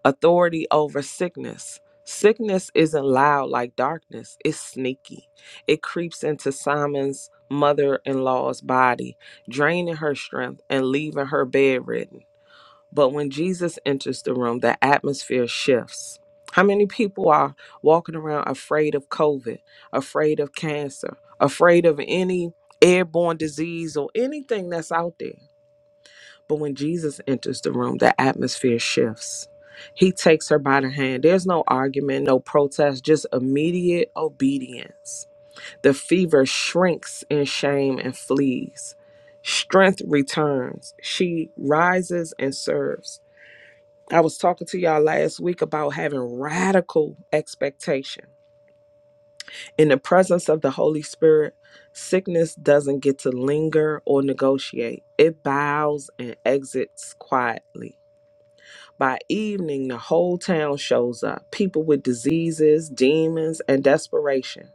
[SPEAKER 2] authority over sickness. Sickness isn't loud like darkness, it's sneaky. It creeps into Simon's mother in law's body, draining her strength and leaving her bedridden. But when Jesus enters the room, the atmosphere shifts. How many people are walking around afraid of COVID, afraid of cancer, afraid of any airborne disease or anything that's out there? But when Jesus enters the room, the atmosphere shifts. He takes her by the hand. There's no argument, no protest, just immediate obedience. The fever shrinks in shame and flees. Strength returns. She rises and serves. I was talking to y'all last week about having radical expectation. In the presence of the Holy Spirit, sickness doesn't get to linger or negotiate, it bows and exits quietly By evening, the whole town shows up people with diseases, demons, and desperation.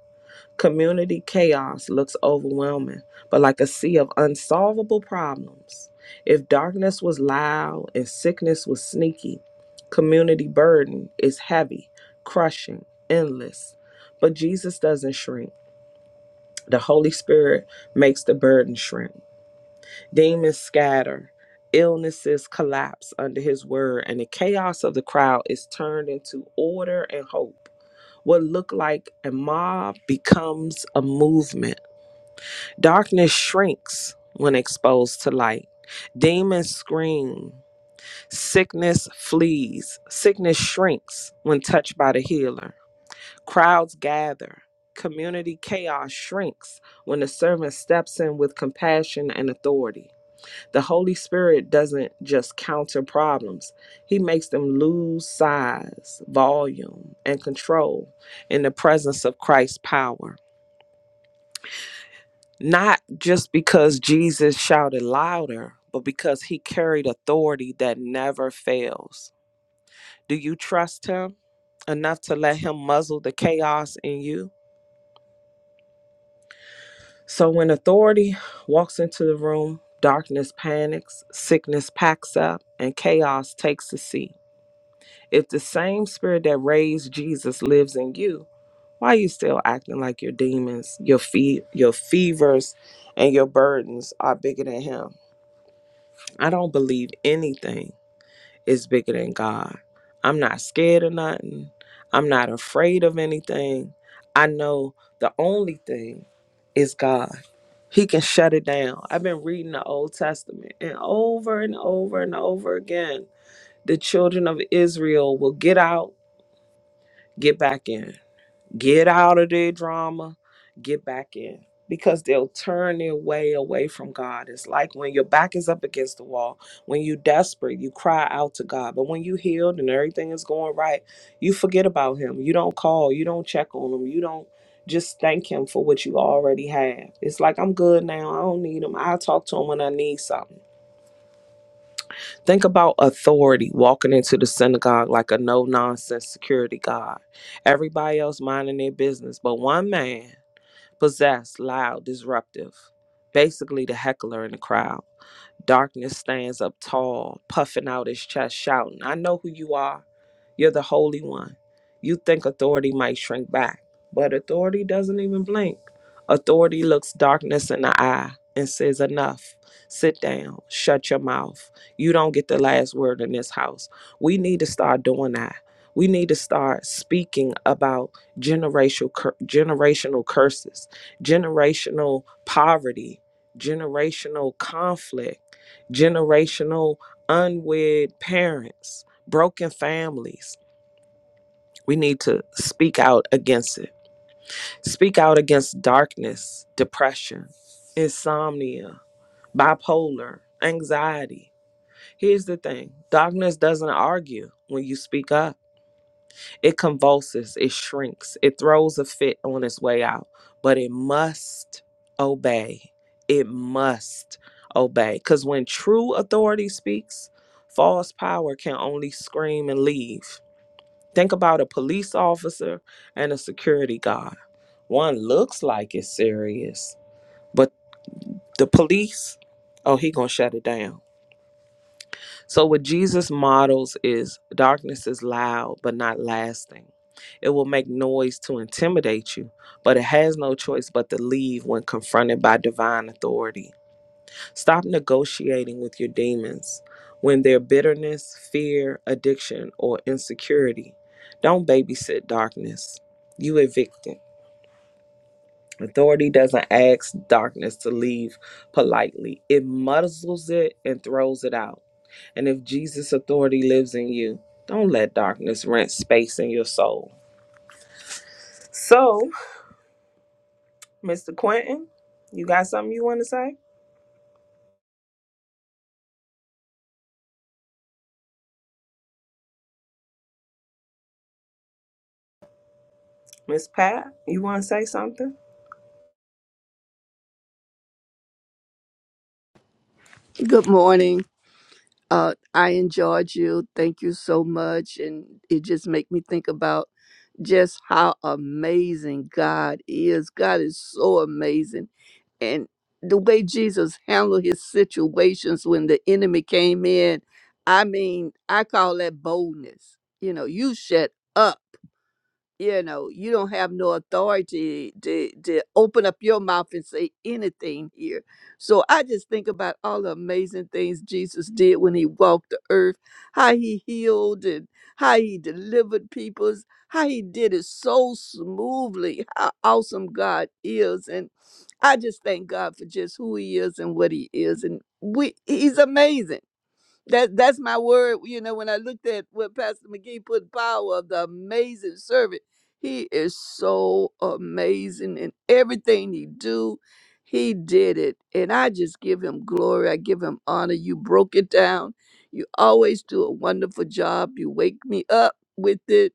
[SPEAKER 2] Community chaos looks overwhelming, but like a sea of unsolvable problems. If darkness was loud and sickness was sneaky, community burden is heavy, crushing, endless. But Jesus doesn't shrink. The Holy Spirit makes the burden shrink. Demons scatter, illnesses collapse under his word, and the chaos of the crowd is turned into order and hope. What looked like a mob becomes a movement. Darkness shrinks when exposed to light. Demons scream. Sickness flees. Sickness shrinks when touched by the healer. Crowds gather. Community chaos shrinks when the servant steps in with compassion and authority. The Holy Spirit doesn't just counter problems, He makes them lose size, volume, and control in the presence of Christ's power. Not just because Jesus shouted louder, but because He carried authority that never fails. Do you trust Him enough to let Him muzzle the chaos in you? So when authority walks into the room, darkness panics, sickness packs up, and chaos takes the seat. If the same spirit that raised Jesus lives in you, why are you still acting like your demons, your fe- your fevers, and your burdens are bigger than him? I don't believe anything is bigger than God. I'm not scared of nothing. I'm not afraid of anything. I know the only thing is God. He can shut it down. I've been reading the Old Testament and over and over and over again, the children of Israel will get out Get back in. Get out of their drama. Get back in. Because they'll turn their way away from God. It's like when your back is up against the wall, when you're desperate, you cry out to God. But when you healed and everything is going right, you forget about Him. You don't call, you don't check on Him, you don't just thank Him for what you already have. It's like, I'm good now. I don't need Him. I'll talk to Him when I need something Think about authority walking into the synagogue like a no nonsense security guard. Everybody else minding their business, but one man, possessed, loud, disruptive, basically the heckler in the crowd. Darkness stands up tall, puffing out his chest, shouting, I know who you are. You're the Holy One. You think authority might shrink back, but authority doesn't even blink. Authority looks darkness in the eye and says, Enough. Sit down. Shut your mouth. You don't get the last word in this house. We need to start doing that. We need to start speaking about generational cur- generational curses, generational poverty, generational conflict, generational unwed parents broken families. We need to speak out against it. Speak out against darkness, depression, insomnia, bipolar, anxiety. Here's the thing darkness doesn't argue when you speak up, it convulses, it shrinks, it throws a fit on its way out, but it must obey. It must obey. Because when true authority speaks, false power can only scream and leave. Think about a police officer and a security guard. One looks like it's serious, but the police, oh, he gonna shut it down. So what Jesus models is darkness is loud but not lasting. It will make noise to intimidate you, but it has no choice but to leave when confronted by divine authority. Stop negotiating with your demons when their bitterness, fear, addiction, or insecurity. Don't babysit darkness. You evict it. Authority doesn't ask darkness to leave politely. It muzzles it and throws it out. And if Jesus' authority lives in you, don't let darkness rent space in your soul. So, Mr. Quentin, you got something you want to say? Miss Pat, you want to say something?
[SPEAKER 3] Good morning. Uh, I enjoyed you. Thank you so much. And it just make me think about just how amazing God is. God is so amazing. And the way Jesus handled his situations when the enemy came in, I mean, I call that boldness. You know, you shut up you know you don't have no authority to to open up your mouth and say anything here so i just think about all the amazing things jesus did when he walked the earth how he healed and how he delivered peoples how he did it so smoothly how awesome god is and i just thank god for just who he is and what he is and we he's amazing that that's my word. You know, when I looked at what Pastor McGee put, power of the amazing servant. He is so amazing in everything he do. He did it, and I just give him glory. I give him honor. You broke it down. You always do a wonderful job. You wake me up with it,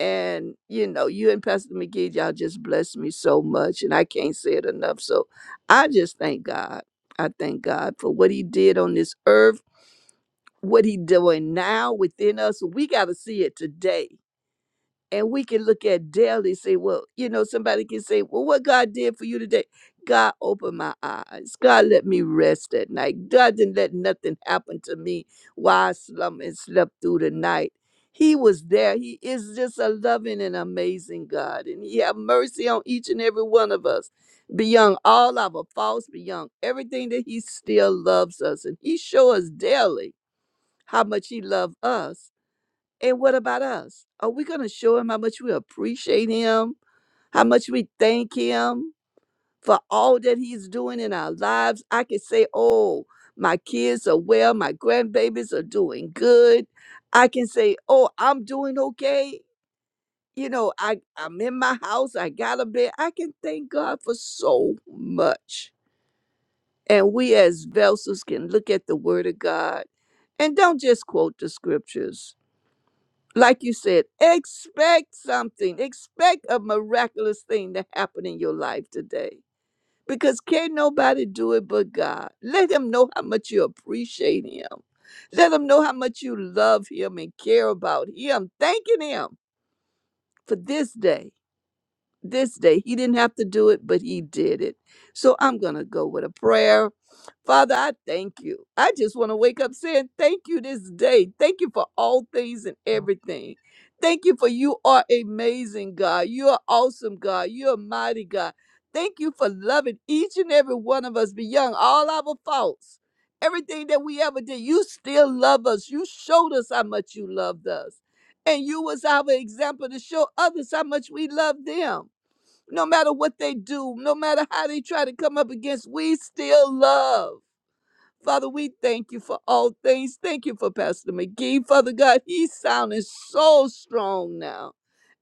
[SPEAKER 3] and you know, you and Pastor McGee, y'all just bless me so much, and I can't say it enough. So, I just thank God. I thank God for what He did on this earth what he doing now within us we got to see it today and we can look at daily say well you know somebody can say well what god did for you today god opened my eyes god let me rest at night god didn't let nothing happen to me while i slumber and slept through the night he was there he is just a loving and amazing god and he have mercy on each and every one of us beyond all our faults beyond everything that he still loves us and he show us daily how much he loved us. And what about us? Are we going to show him how much we appreciate him, how much we thank him for all that he's doing in our lives? I could say, oh, my kids are well, my grandbabies are doing good. I can say, oh, I'm doing okay. You know, I, I'm in my house, I got a bed. I can thank God for so much. And we as vessels can look at the word of God and don't just quote the scriptures like you said, expect something. Expect a miraculous thing to happen in your life today. Because can nobody do it but God. Let him know how much you appreciate him. Let him know how much you love him and care about him, thanking him for this day this day. He didn't have to do it, but he did it. So I'm going to go with a prayer. Father, I thank you. I just want to wake up saying thank you this day. Thank you for all things and everything. Thank you for you are amazing, God. You're awesome, God. You're mighty, God. Thank you for loving each and every one of us beyond all our faults. Everything that we ever did, you still love us. You showed us how much you loved us. And you was our example to show others how much we love them no matter what they do, no matter how they try to come up against, we still love. Father, we thank you for all things. Thank you for Pastor McGee. Father God, he's sounding so strong now.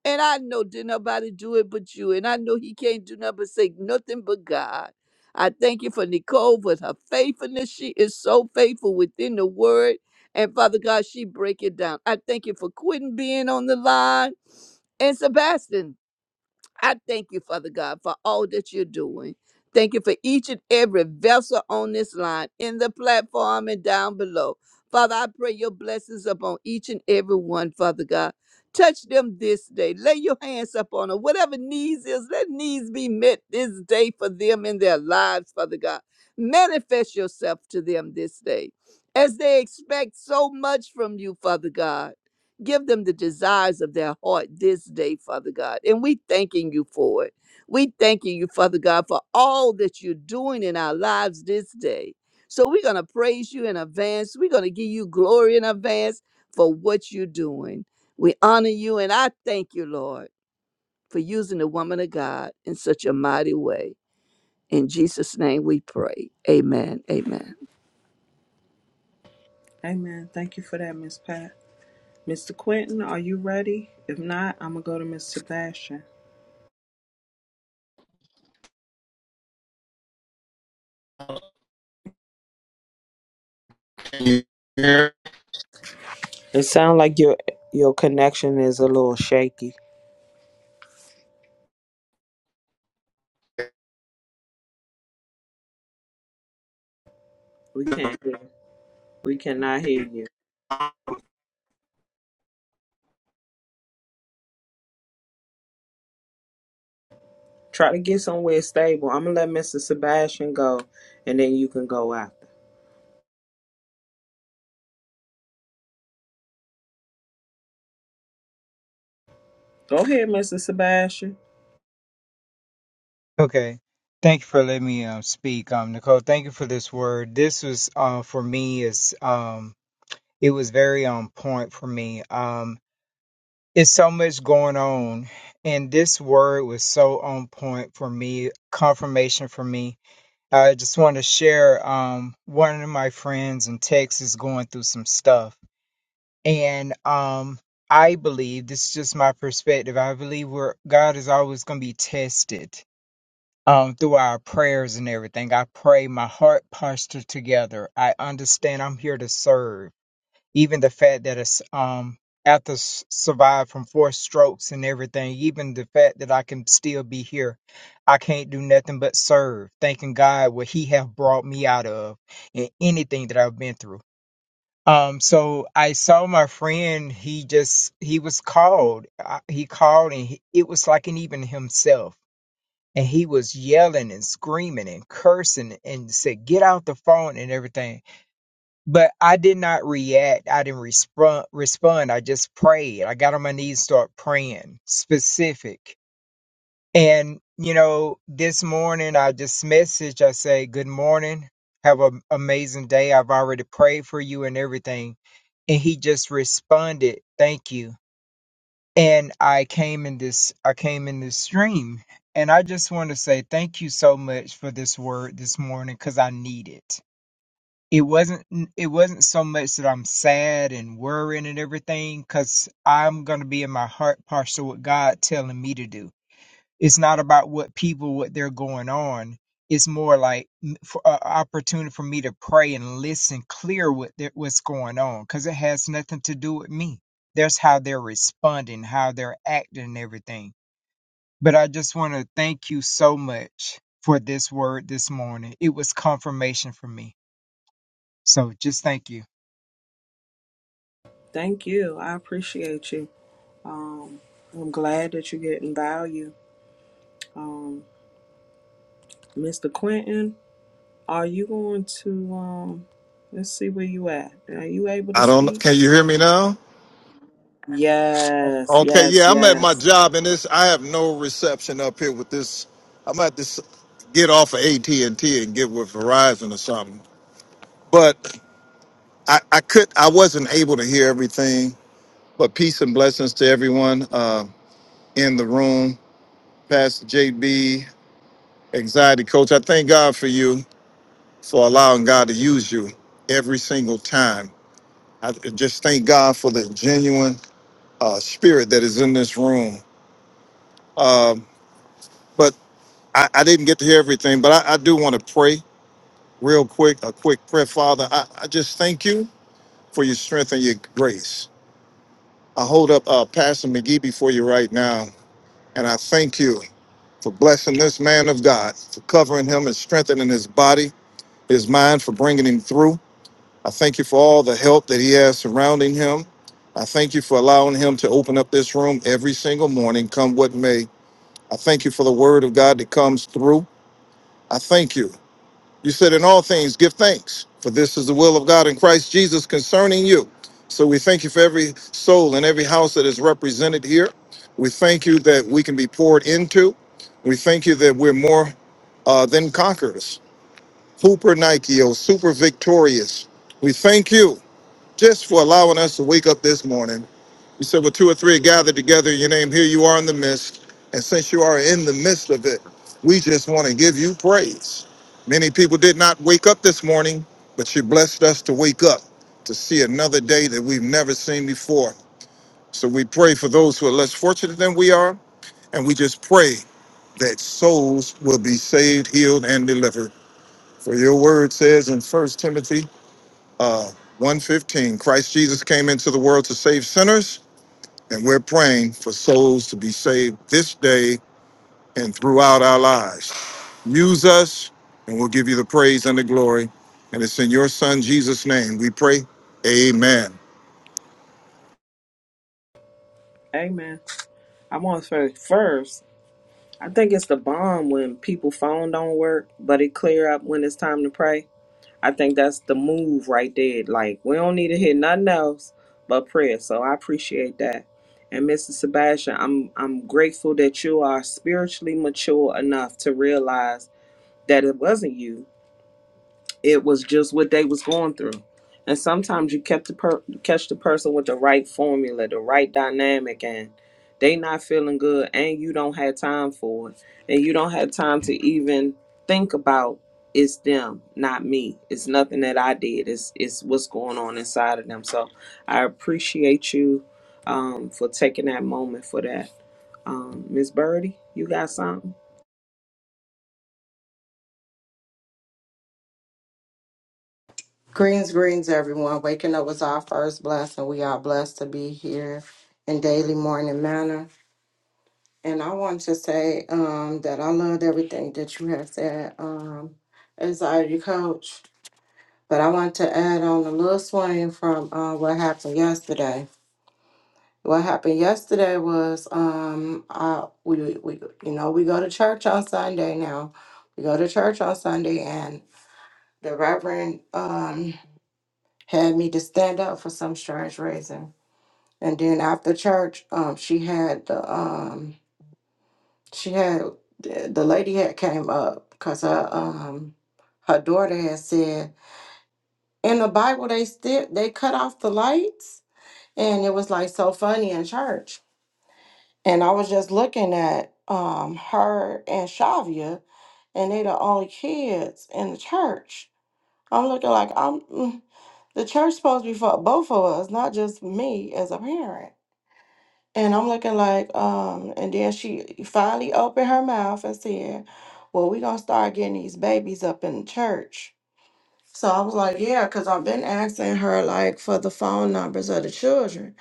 [SPEAKER 3] And I know did nobody do it but you. And I know he can't do nothing but say nothing but God. I thank you for Nicole with her faithfulness. She is so faithful within the word. And Father God, she break it down. I thank you for quitting being on the line. And Sebastian, I thank you, Father God, for all that you're doing. Thank you for each and every vessel on this line, in the platform and down below. Father, I pray your blessings upon each and every one, Father God. Touch them this day. Lay your hands upon them. Whatever needs is, let needs be met this day for them in their lives, Father God. Manifest yourself to them this day as they expect so much from you, Father God. Give them the desires of their heart this day, Father God. And we thanking you for it. We thanking you, Father God, for all that you're doing in our lives this day. So we're going to praise you in advance. We're going to give you glory in advance for what you're doing. We honor you and I thank you, Lord, for using the woman of God in such a mighty way. In Jesus' name we pray. Amen. Amen.
[SPEAKER 2] Amen. Thank you for that, Miss Pat. Mr. Quentin, are you ready? If not, I'm gonna go to Miss Sebastian.
[SPEAKER 4] Can you hear?
[SPEAKER 2] It sounds like your your connection is a little shaky.
[SPEAKER 4] I
[SPEAKER 2] We can't hear. We cannot hear you. Try to get somewhere stable. I'm gonna let Mr. Sebastian go, and then you can go after. Go ahead, Mr. Sebastian.
[SPEAKER 5] Okay. Thank you for letting me um, speak, um, Nicole. Thank you for this word. This was uh, for me is um, it was very on point for me. Um, it's so much going on, and this word was so on point for me. Confirmation for me. I just want to share. Um, one of my friends in Texas going through some stuff, and um, I believe this is just my perspective. I believe we're God is always going to be tested um, through our prayers and everything. I pray my heart posture together. I understand I'm here to serve. Even the fact that it's um after s- survive from four strokes and everything, even the fact that I can still be here, I can't do nothing but serve, thanking God what He have brought me out of and anything that I've been through. Um, so I saw my friend. He just he was called. I, he called, and he, it was like an even himself and he was yelling and screaming and cursing and said get out the phone and everything but i did not react i didn't respond respond i just prayed i got on my knees start praying specific and you know this morning i just message i say good morning have an amazing day i've already prayed for you and everything and he just responded thank you and I came in this I came in this stream and I just want to say thank you so much for this word this morning cuz I need it. It wasn't it wasn't so much that I'm sad and worrying and everything cuz I'm going to be in my heart posture with God telling me to do it's not about what people what they're going on it's more like m- for an opportunity for me to pray and listen clear what they what's going on because it has nothing to do with me that's how they're responding how they're acting and everything but i just want to thank you so much for this word this morning it was confirmation for me so just thank you
[SPEAKER 2] Thank you. I appreciate you. Um, I'm glad that you're getting value. Um, Mr. Quentin, are you going to? Um, let's see where you at. Are you able to speak?
[SPEAKER 4] don't. Can you hear me now?
[SPEAKER 2] Yes,
[SPEAKER 4] Okay.
[SPEAKER 2] yes,
[SPEAKER 4] Yeah, I'm at my
[SPEAKER 2] yes.
[SPEAKER 4] job, and this I have no reception up here with this. I'm at this get off of AT and T and get with Verizon or something. But I, I could. I wasn't able to hear everything. But peace and blessings to everyone uh, in the room. Pastor JB, anxiety coach. I thank God for you for allowing God to use you every single time. I just thank God for the genuine uh, spirit that is in this room. Um, but I, I didn't get to hear everything, but I, I do want to pray real quick, a quick prayer. Father, I, I just thank you for your strength and your grace. I hold up uh, Pastor McGee before you right now, and I thank you for blessing this man of God, for covering him and strengthening his body, his mind, for bringing him through. I thank you for all the help that he has surrounding him. I thank you for allowing him to open up this room every single morning, come what may. I thank you for the word of God that comes through. I thank you. You said, In all things, give thanks, for this is the will of God in Christ Jesus concerning you. So we thank you for every soul and every house that is represented here. We thank you that we can be poured into. We thank you that we're more uh, than conquerors, Hooper Nike, super victorious. We thank you just for allowing us to wake up this morning you said, Well, two or three are gathered together in your name. Here you are in the midst. And since you are in the midst of it, we just want to give you praise. Many people did not wake up this morning, but you blessed us to wake up to see another day that we've never seen before. So we pray for those who are less fortunate than we are. And we just pray that souls will be saved, healed, and delivered. For your word says in First Timothy 1.15, Christ Jesus came into the world to save sinners And we're praying for souls to be saved this day and throughout our lives. Use us, and we'll give you the praise and the glory. And it's in your Son, Jesus' name, we pray. Amen.
[SPEAKER 2] Hey man, I want to say first, I think it's the bomb when people phone don't work, but it clear up when it's time to pray. I think that's the move right there. Like we don't need to hear nothing else but prayer. So I appreciate that. And Mr. Sebastian, I'm I'm grateful that you are spiritually mature enough to realize that it wasn't you. it was just what they was going through and sometimes you kept the per- catch the person with the right formula the right dynamic and they not feeling good and you don't have time for it and you don't have time to even think about it's them not me it's nothing that i did it's it's what's going on inside of them so i appreciate you um, for taking that moment for that um, miss birdie you got something
[SPEAKER 6] Greens, greens, everyone. Waking up was our first blessing. We are blessed to be here in daily morning manner. And I want to say um, that I loved everything that you have said, um, anxiety coach. But I want to add on a little swing from uh, what happened yesterday. What happened yesterday was um, I, we, we you know we go to church on Sunday now. We go to church on Sunday, and the Reverend um, had me to stand up for some strange reason And then after church, um, she had the um, she had the, the lady had came up because her um, her daughter had said in the Bible they still they cut off the lights, and it was like so funny in church. And I was just looking at um her and Shavia, and they the only kids in the church. I'm looking like I'm mm, the church supposed to be for both of us, not just me as a parent. And I'm looking like, um, and then she finally opened her mouth and said, Well, we're gonna start getting these babies up in church. So I was like, Yeah, because I've been asking her like for the phone numbers of the children.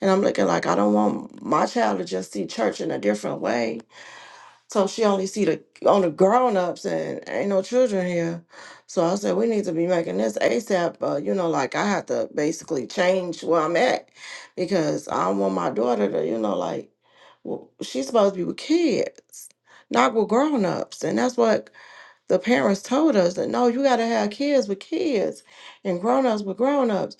[SPEAKER 6] And I'm looking like I don't want my child to just see church in a different way. So she only see the only grown ups and ain't no children here. So I said, We need to be making this ASAP, uh, you know, like I have to basically change where I'm at because I don't want my daughter to, you know, like well, she's supposed to be with kids, not with grown-ups. And that's what the parents told us that no, you got to have kids with kids and grown-ups with grown-ups.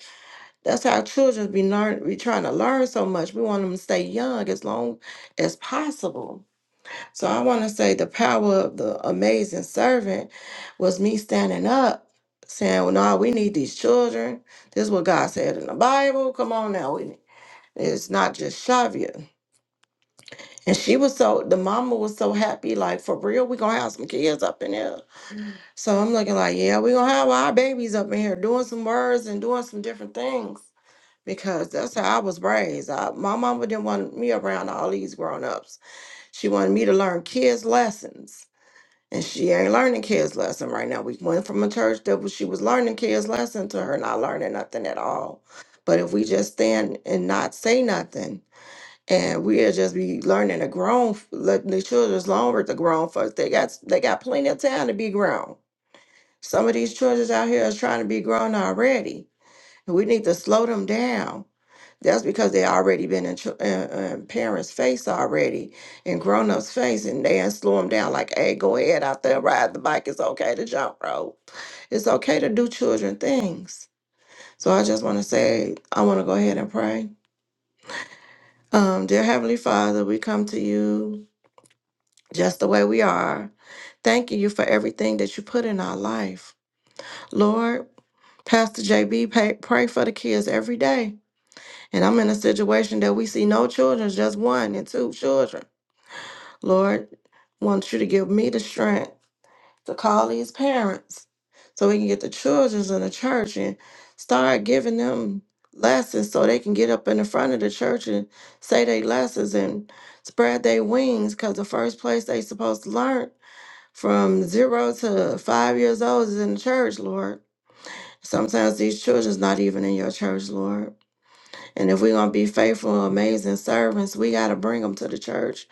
[SPEAKER 6] That's how children be learn be trying to learn so much. We want them to stay young as long as possible. So I want to say the power of the amazing servant was me standing up saying, well, no, we need these children. This is what God said in the Bible. Come on now. We, it's not just Shavia. And she was so the mama was so happy, like for real, we gonna have some kids up in here. So I'm looking like, yeah, we gonna have our babies up in here doing some words and doing some different things because that's how I was raised. I, my mama didn't want me around all these grown ups. She wanted me to learn kids lessons, and she ain't learning kids lesson right now. We went from a church that was, she was learning kids lesson to her not learning nothing at all. But if we just stand and not say nothing and we'll just be learning to grown let the children's longer the grown folks they got they got plenty of time to be grown some of these children out here is trying to be grown already and we need to slow them down that's because they already been in, chil- uh, uh, parents face already and grown-ups face and they ain't slow them down like hey go ahead out there ride the bike it's okay to jump rope it's okay to do children things so i just want to say i want to go ahead and pray um, dear Heavenly Father, we come to you just the way we are. Thanking you for everything that you put in our life. Lord, Pastor JB, pay, pray for the kids every day. And I'm in a situation that we see no children, just one and two children. Lord, want you to give me the strength to call these parents so we can get the children's in the church and start giving them lessons so they can get up in the front of the church and say their lessons and spread their wings because the first place they supposed to learn from zero to five years old is in the church, Lord. Sometimes these children's not even in your church, Lord. And if we're gonna be faithful, amazing servants, we gotta bring them to the church,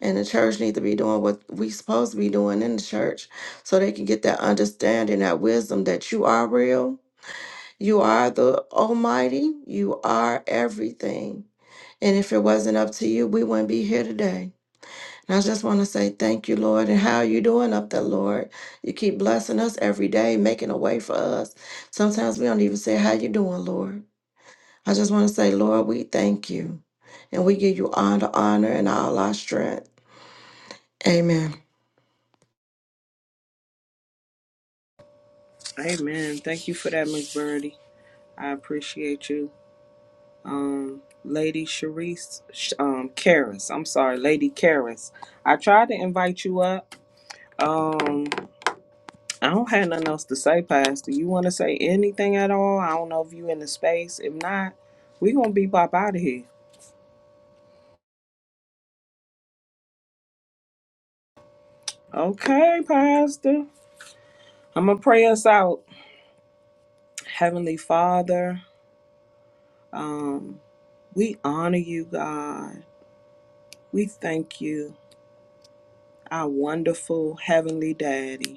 [SPEAKER 6] and the church need to be doing what we supposed to be doing in the church, so they can get that understanding, that wisdom that you are real, you are the Almighty, you are everything. And if it wasn't up to you, we wouldn't be here today. I just want to say thank you, Lord, and how are you doing up there, Lord? You keep blessing us every day, making a way for us. Sometimes we don't even say how you doing, Lord. I just want to say, Lord, we thank you, and we give you all the honor, and all our strength. Amen.
[SPEAKER 2] amen thank you for that miss birdie i appreciate you um, Lady Sharice, um, Karis. I'm sorry, Lady Karis. I tried to invite you up. Um, I don't have nothing else to say, Pastor. You want to say anything at all? I don't know if you in the space. If not, we gonna be bop out of here. Okay, Pastor. I'm gonna pray us out. Heavenly Father, um, we honor you, God. We thank you, our wonderful Heavenly Daddy.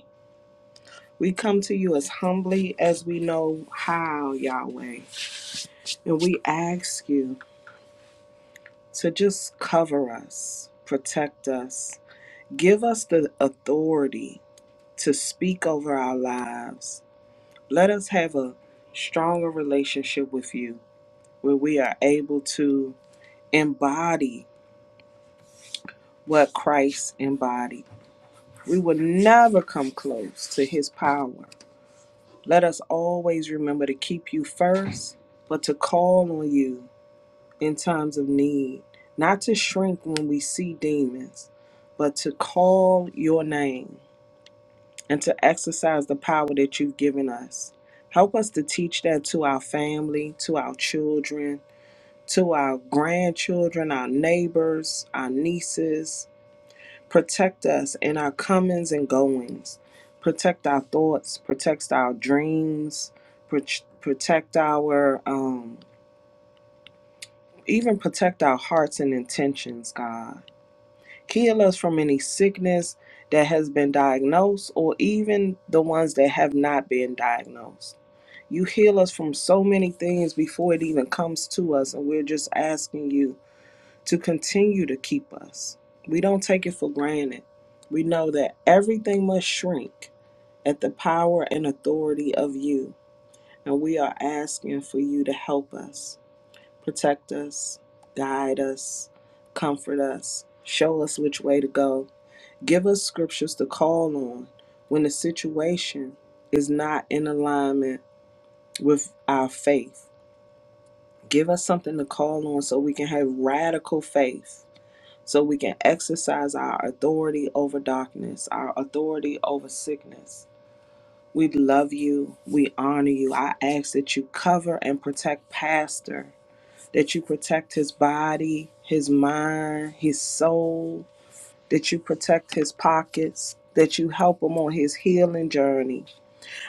[SPEAKER 2] We come to you as humbly as we know how, Yahweh, and we ask you to just cover us, protect us, give us the authority to speak over our lives. Let us have a stronger relationship with you where we are able to embody what Christ embodied. We will never come close to his power. Let us always remember to keep you first, but to call on you in times of need, not to shrink when we see demons, but to call your name and to exercise the power that you've given us. Help us to teach that to our family, to our children, to our grandchildren, our neighbors, our nieces. Protect us in our comings and goings. Protect our thoughts, protect our dreams, prot- protect our um even protect our hearts and intentions, God. Heal us from any sickness that has been diagnosed or even the ones that have not been diagnosed. You heal us from so many things before it even comes to us, and we're just asking you to continue to keep us. We don't take it for granted. We know that everything must shrink at the power and authority of you, and we are asking for you to help us, protect us, guide us, comfort us, show us which way to go Give us scriptures to call on when the situation is not in alignment with our faith. Give us something to call on so we can have radical faith, so we can exercise our authority over darkness, our authority over sickness. We love you. We honor you. I ask that you cover and protect Pastor, that you protect his body, his mind, his soul, that you protect his pockets, that you help him on his healing journey.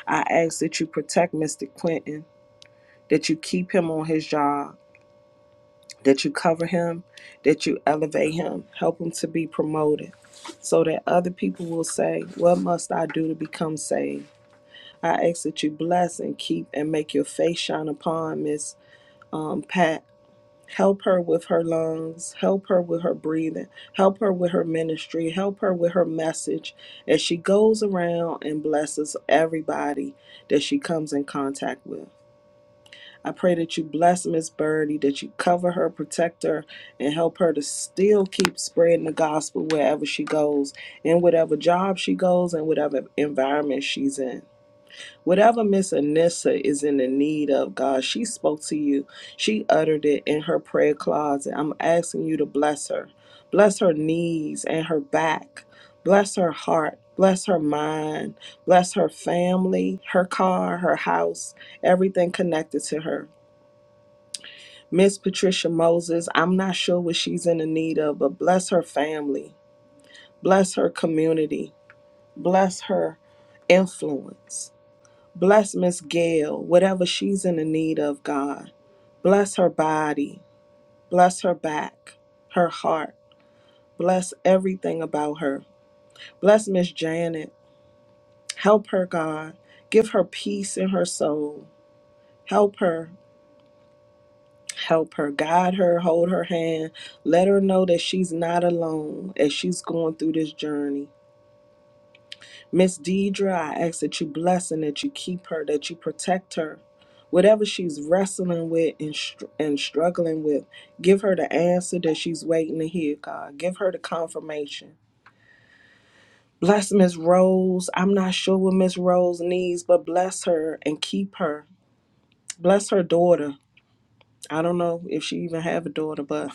[SPEAKER 2] I ask that you protect Mr. Quentin, that you keep him on his job, that you cover him, that you elevate him, help him to be promoted, so that other people will say, What must I do to become saved? I ask that you bless and keep and make your face shine upon Miss um, Pat Help her with her lungs. Help her with her breathing. Help her with her ministry. Help her with her message as she goes around and blesses everybody that she comes in contact with. I pray that you bless Miss Birdie, that you cover her, protect her, and help her to still keep spreading the gospel wherever she goes, in whatever job she goes, and whatever environment she's in. Whatever Miss Anissa is in the need of, God, she spoke to you. She uttered it in her prayer closet. I'm asking you to bless her. Bless her knees and her back. Bless her heart. Bless her mind. Bless her family, her car, her house, everything connected to her. Miss Patricia Moses, I'm not sure what she's in the need of, but bless her family. Bless her community. Bless her influence. Bless Miss Gail, whatever she's in the need of, God. Bless her body. Bless her back, her heart. Bless everything about her. Bless Miss Janet. Help her, God. Give her peace in her soul. Help her. Help her. Guide her. Hold her hand. Let her know that she's not alone as she's going through this journey. Miss Deidre, I ask that you bless and that you keep her, that you protect her. Whatever she's wrestling with and, str- and struggling with, give her the answer that she's waiting to hear, God. Give her the confirmation. Bless Miss Rose. I'm not sure what Miss Rose needs, but bless her and keep her. Bless her daughter. I don't know if she even have a daughter, but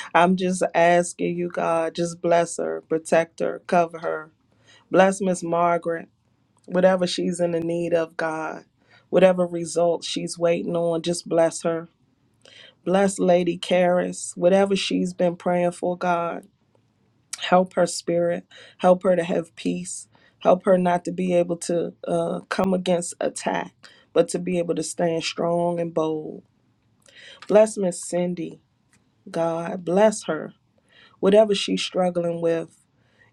[SPEAKER 2] I'm just asking you, God, just bless her, protect her, cover her. Bless Miss Margaret. Whatever she's in the need of, God, whatever result she's waiting on, just bless her. Bless Lady Karis, whatever she's been praying for, God. Help her spirit. Help her to have peace. Help her not to be able to uh, come against attack, but to be able to stand strong and bold. Bless Miss Cindy, God. Bless her. Whatever she's struggling with,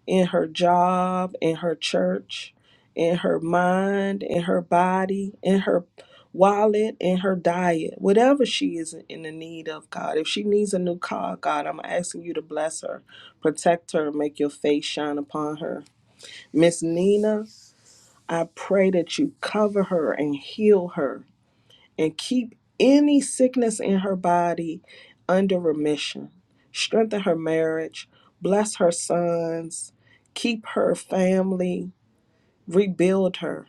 [SPEAKER 2] in her job, in her church, in her mind, in her body, in her wallet, in her diet, whatever she is in the need of, God. If she needs a new car, God, I'm asking you to bless her, protect her, make your face shine upon her. Miss Nina, I pray that you cover her and heal her and keep any sickness in her body under remission. Strengthen her marriage, bless her sons, keep her family, rebuild her.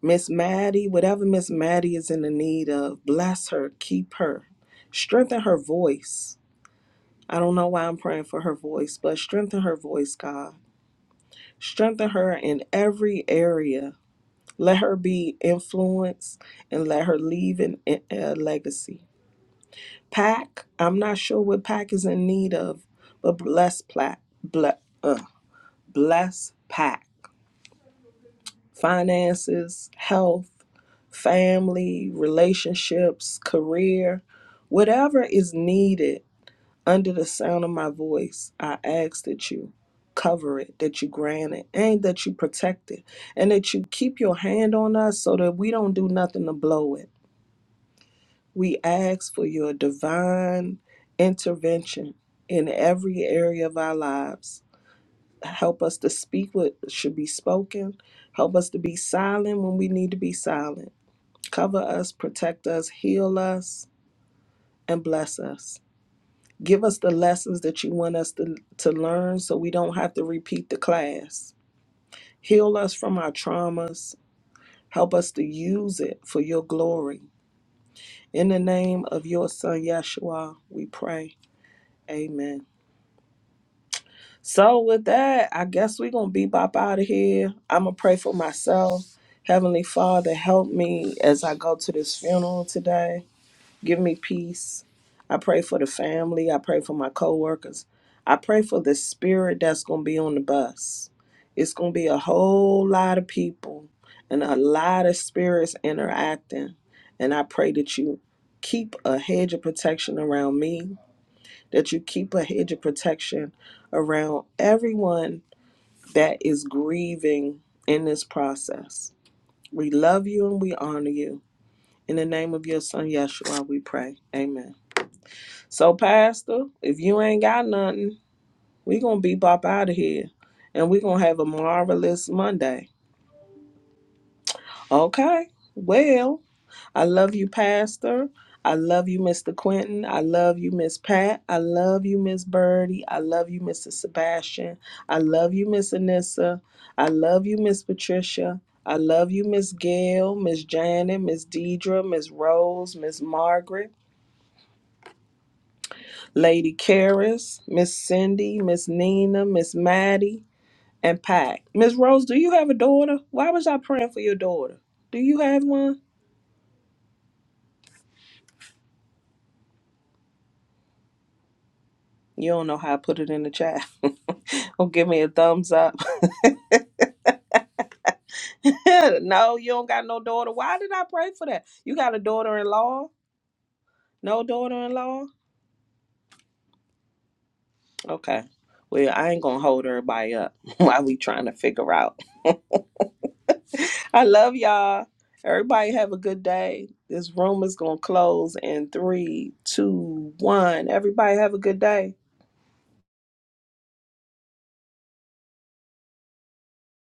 [SPEAKER 2] Miss Maddie, whatever Miss Maddie is in the need of, bless her, keep her. Strengthen her voice. I don't know why I'm praying for her voice, but strengthen her voice, God. Strengthen her in every area. Let her be influenced and let her leave an, a legacy. Pack. I'm not sure what pack is in need of, but bless PAC. Ble- uh, bless pack. Finances, health, family, relationships, career, whatever is needed under the sound of my voice, I ask that you cover it, that you grant it, and that you protect it, and that you keep your hand on us so that we don't do nothing to blow it. We ask for your divine intervention in every area of our lives. Help us to speak what should be spoken. Help us to be silent when we need to be silent. Cover us, protect us, heal us, and bless us. Give us the lessons that you want us to, to learn so we don't have to repeat the class. Heal us from our traumas. Help us to use it for your glory. In the name of your son, Yeshua, we pray. Amen. So with that, I guess we're gonna be bop out of here. I'ma pray for myself. Heavenly Father, help me as I go to this funeral today. Give me peace. I pray for the family. I pray for my coworkers. I pray for the spirit that's gonna be on the bus. It's gonna be a whole lot of people and a lot of spirits interacting. And I pray that you keep a hedge of protection around me that you keep a hedge of protection around everyone that is grieving in this process. We love you and we honor you. In the name of your son Yeshua, we pray. Amen. So, Pastor, if you ain't got nothing, we gonna be bop out of here. And we gonna have a marvelous Monday. Okay. Well, I love you, Pastor. I love you, Mr. Quentin. I love you, Miss Pat. I love you, Miss Birdie. I love you, Mr. Sebastian. I love you, Miss Anissa. I love you, Miss Patricia. I love you, Miss Gail, Miss Janet, Miss Deidre, Miss Rose, Miss Margaret, Lady Caris, Miss Cindy, Miss Nina, Miss Maddie, and Pat. Miss Rose, do you have a daughter? Why was I praying for your daughter? Do you have one? You don't know how I put it in the chat. oh, give me a thumbs up. no, you don't got no daughter. Why did I pray for that? You got a daughter in law? No daughter in law? Okay. Well, I ain't gonna hold everybody up while we trying to figure out. I love y'all. Everybody have a good day. This room is gonna close in three, two, one. Everybody have a good day.